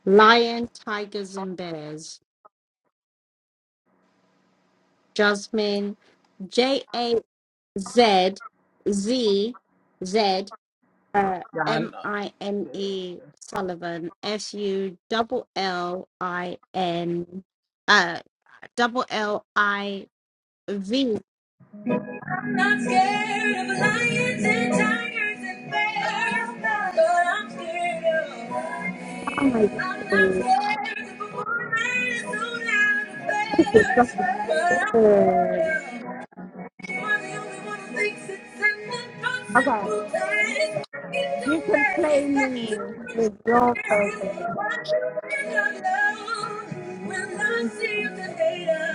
Lion, tigers, and bears. Jasmine, J A Z Z Z uh,
Yeah, I
M I N E Sullivan S U double L I N uh double L I V.
am not scared of lions and tigers and bears, but I'm scared of
Oh
money.
my god!
I'm not scared of a woman who's out of
This is
bed,
such
but I'm
a
scared of You are the only one who thinks it's simple, not
Okay,
simple It
you
don't
can
last,
play
it's got
me
too much grace.
with your version.
Why should I not love when I see you later?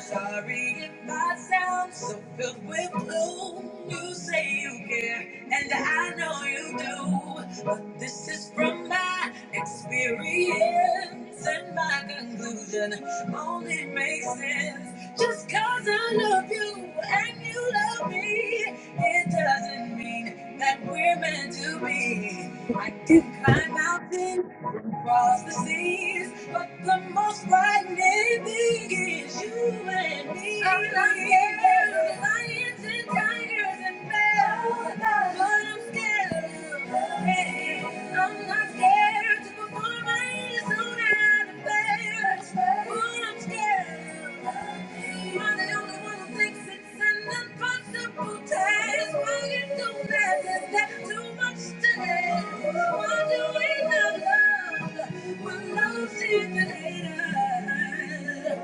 Sorry if I sound so filled with
i
blue. You say you care, and I know you do. But this is from my experience and my conclusion only makes sense. Just cause I love you and you love me, it doesn't mean that we're meant to be. I can climb mountains across the seas, but the most frightening thing is you and me. I'm not scared of lions and tigers and bears, but I'm scared of men. I'm not scared to perform my own affairs, but I'm scared of men. You're the only one who thinks it's an impossible task. Time's running so fast, it's got too much time. What do we love love? when love seems to hate us.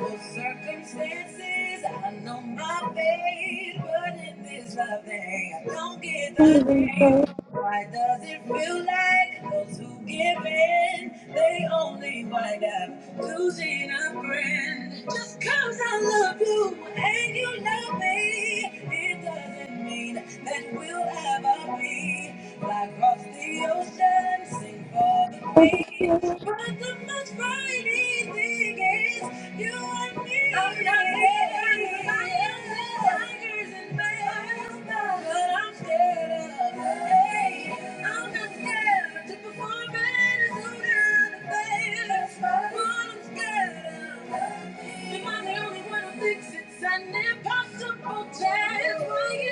Oh, Circumstances, I know my fate, but burden is love thing? I don't get the name. Why does it feel like those who give in, they only wind up losing a friend? Just cause I love you and you love me, it doesn't mean that we'll ever be. Fly across the ocean, sing for the queen.
Thank
But the most frightening thing is you and me. I'm not scared of tigers and bears, but I'm scared of hate. I'm not scared to perform in a suit and a face. What I'm scared of. Am I the only one who thinks it's an impossible chance? for you? We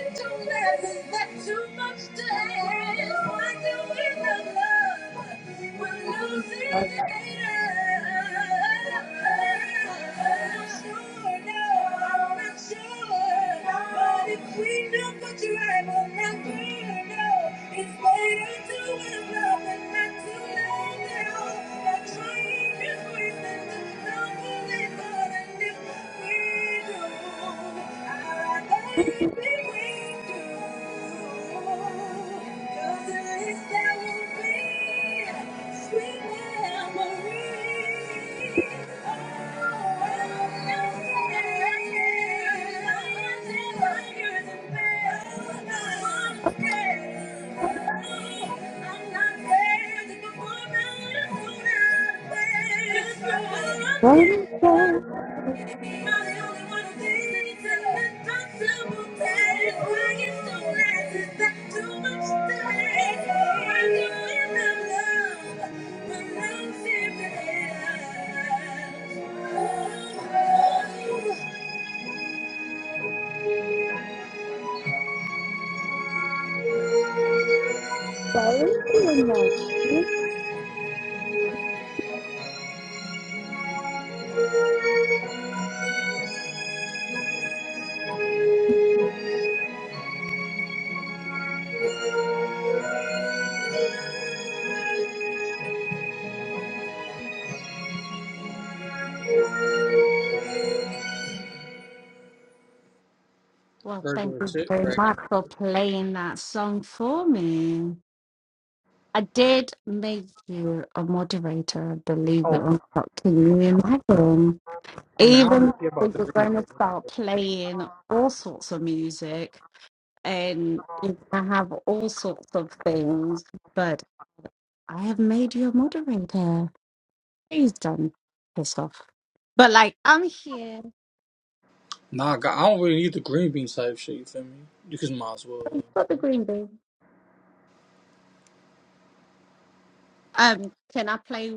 you.
know what you have on that burn, no. It's later to love and not too late now. I'm trying to
One day,
Thank you.
I'll say Sunshine, sunshine, Well,
They're
thank
doing
you
shit
very
right.
much for playing that song for me. I did make you a moderator, believe it
Oh,
or not. Can you imagine?
I mean, I don't really
even
care
though
about the
you're
green
going to
beans.
start playing all sorts of music and you're going to have all sorts of things, but I have made you a moderator. He's done piss off. But like, I'm here.
Nah, God, I don't really need the green bean type shit. You feel me? You can might as well.
I've got
uh,
the green bean. Um, can I play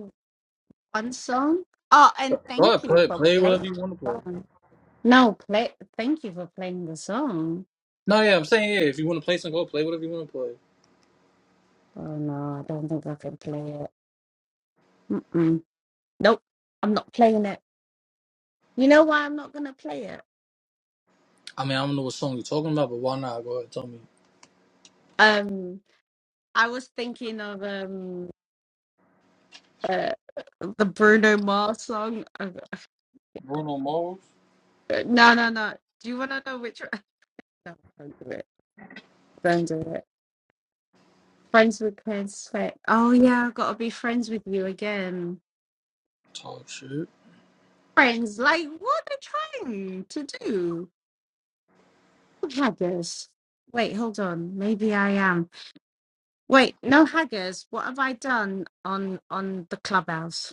one song? Oh, and
Go
thank
ahead,
you
play,
for
play whatever
playing.
you want to
the
play.
song. No, play. Thank you for playing the song.
No, yeah, I'm saying yeah. If you want to play something, go play whatever you want to play.
Oh no, I don't think I can play it. Mm-mm. Nope, I'm not playing it. You know why I'm not gonna play it?
I mean, I don't know what song you're talking about, but why not? Go ahead, tell me.
Um, I was thinking of um uh, the Bruno Mars song. Uh, uh, No, no, no. Do you wanna know which? one? No, don't do it. Don't do it. Friends with respect. Oh yeah, I've got to be friends with you again.
Talk shit.
Friends, like what are they trying to do? Haggers. Wait, hold on. Maybe I am. Wait, no haggers. What have I done on on the clubhouse?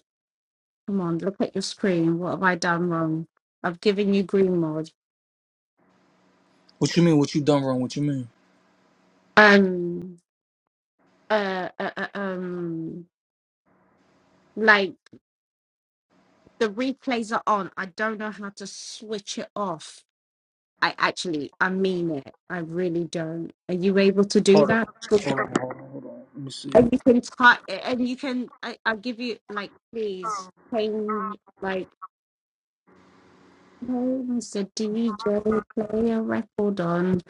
Come on, look at your screen. What have I done wrong? I've given you green mod.
What you mean? What you done wrong? What you mean?
Um, uh, uh, uh, um, like the replays are on. I don't know how to switch it off. I actually, I mean it. I really don't. Are you able to do
Hold on,
that?
hold on, hold on. Hold on. Let me see.
And you can type, and you can. I, I give you like, please change. like. play, Mr. DJ, play a record on.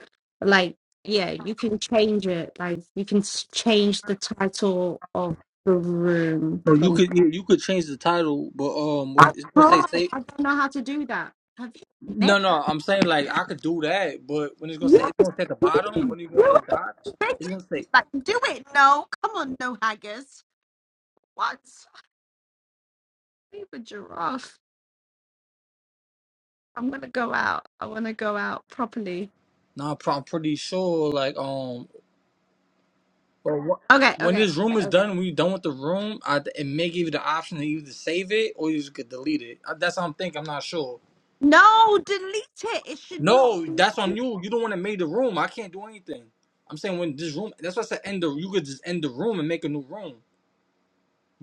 Like, yeah, you can change it. Like, you can s- change the title of the room.
No, you
From,
could you, you could change the title, but um,
I
it's gonna say
can't.
say.
I don't know how to do that. Have you
No,
met?
no, I'm saying like I could do that, but when it's gonna say
Yes,
it's gonna say at the
please.
bottom when you go on
Do
the
it.
dots,
Thank
it's gonna
you.
say.
Like, do it. No, come on, no haggis. What? I'm a giraffe. I'm gonna go out. I want to go out properly.
Nah, I'm pro- I'm pretty sure like um But
Okay,
wh- when
okay,
this room
okay.
is done,
okay.
when you're done with the room, I, it may give you the option to either save it or you just could delete it. Uh, That's what I'm thinking. I'm not sure.
No, delete it. It should not.
No, that's on you. You don't want to make the room. I can't do anything. I'm saying when this room, that's why I said end the. You could just end the room and make a new room.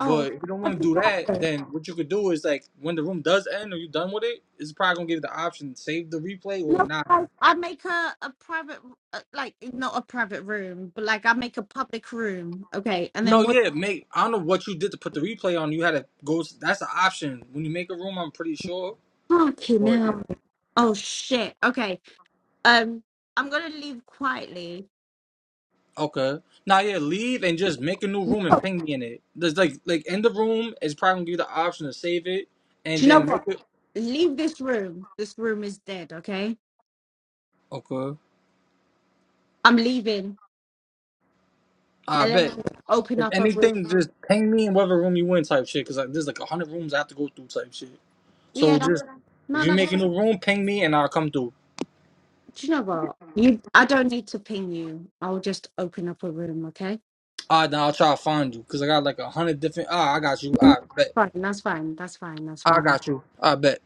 Oh,
if you don't
I
want to
just
do
got
that,
her.
then what you could do is like when the room does end or you're done with it, it's probably gonna give you the option to save the replay or
No,
not.
I, I make a a private, uh, like not a private room, but like I make a public room. Okay, and
No,
then what?
yeah, make. I don't know what you did to put the replay on. You had to go. That's an option when you make a room. I'm pretty sure.
Fucking
But yeah.
hell! Oh shit. Okay. Um, I'm gonna leave quietly.
Okay. Now yeah, leave and just make a new room and
Oh,
ping me in it. There's like like in the room it's probably gonna give you the option to save it
do
and
you know
then make
what?
it.
Leave this room. This room is dead. Okay.
Okay.
I'm leaving,
I
and then I'm
bet.
gonna open
If
up a room.
anything, just ping me in whatever room you in type shit. Cause like, there's like a hundred rooms I have to go through type shit. So
Yeah. That's
just if
no.
you
That's.
make a new room, ping me and I'll come through.
Do you know what? You. I don't need to ping you. I'll just open up a room. Okay.
Ah, then I'll try to find you. Cause I got like a hundred different. Ah, I got you.
Fine,
I bet.
that's fine. That's fine. That's
I
fine.
got you. I bet.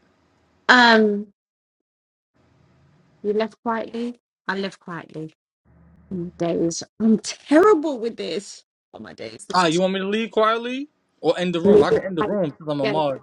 Um, you left quietly. I left quietly. Mm, Days. I'm terrible with this. Oh my days. This.
Ah, you want me to leave quietly or end the room? I can end the room because I'm a
is-
mod.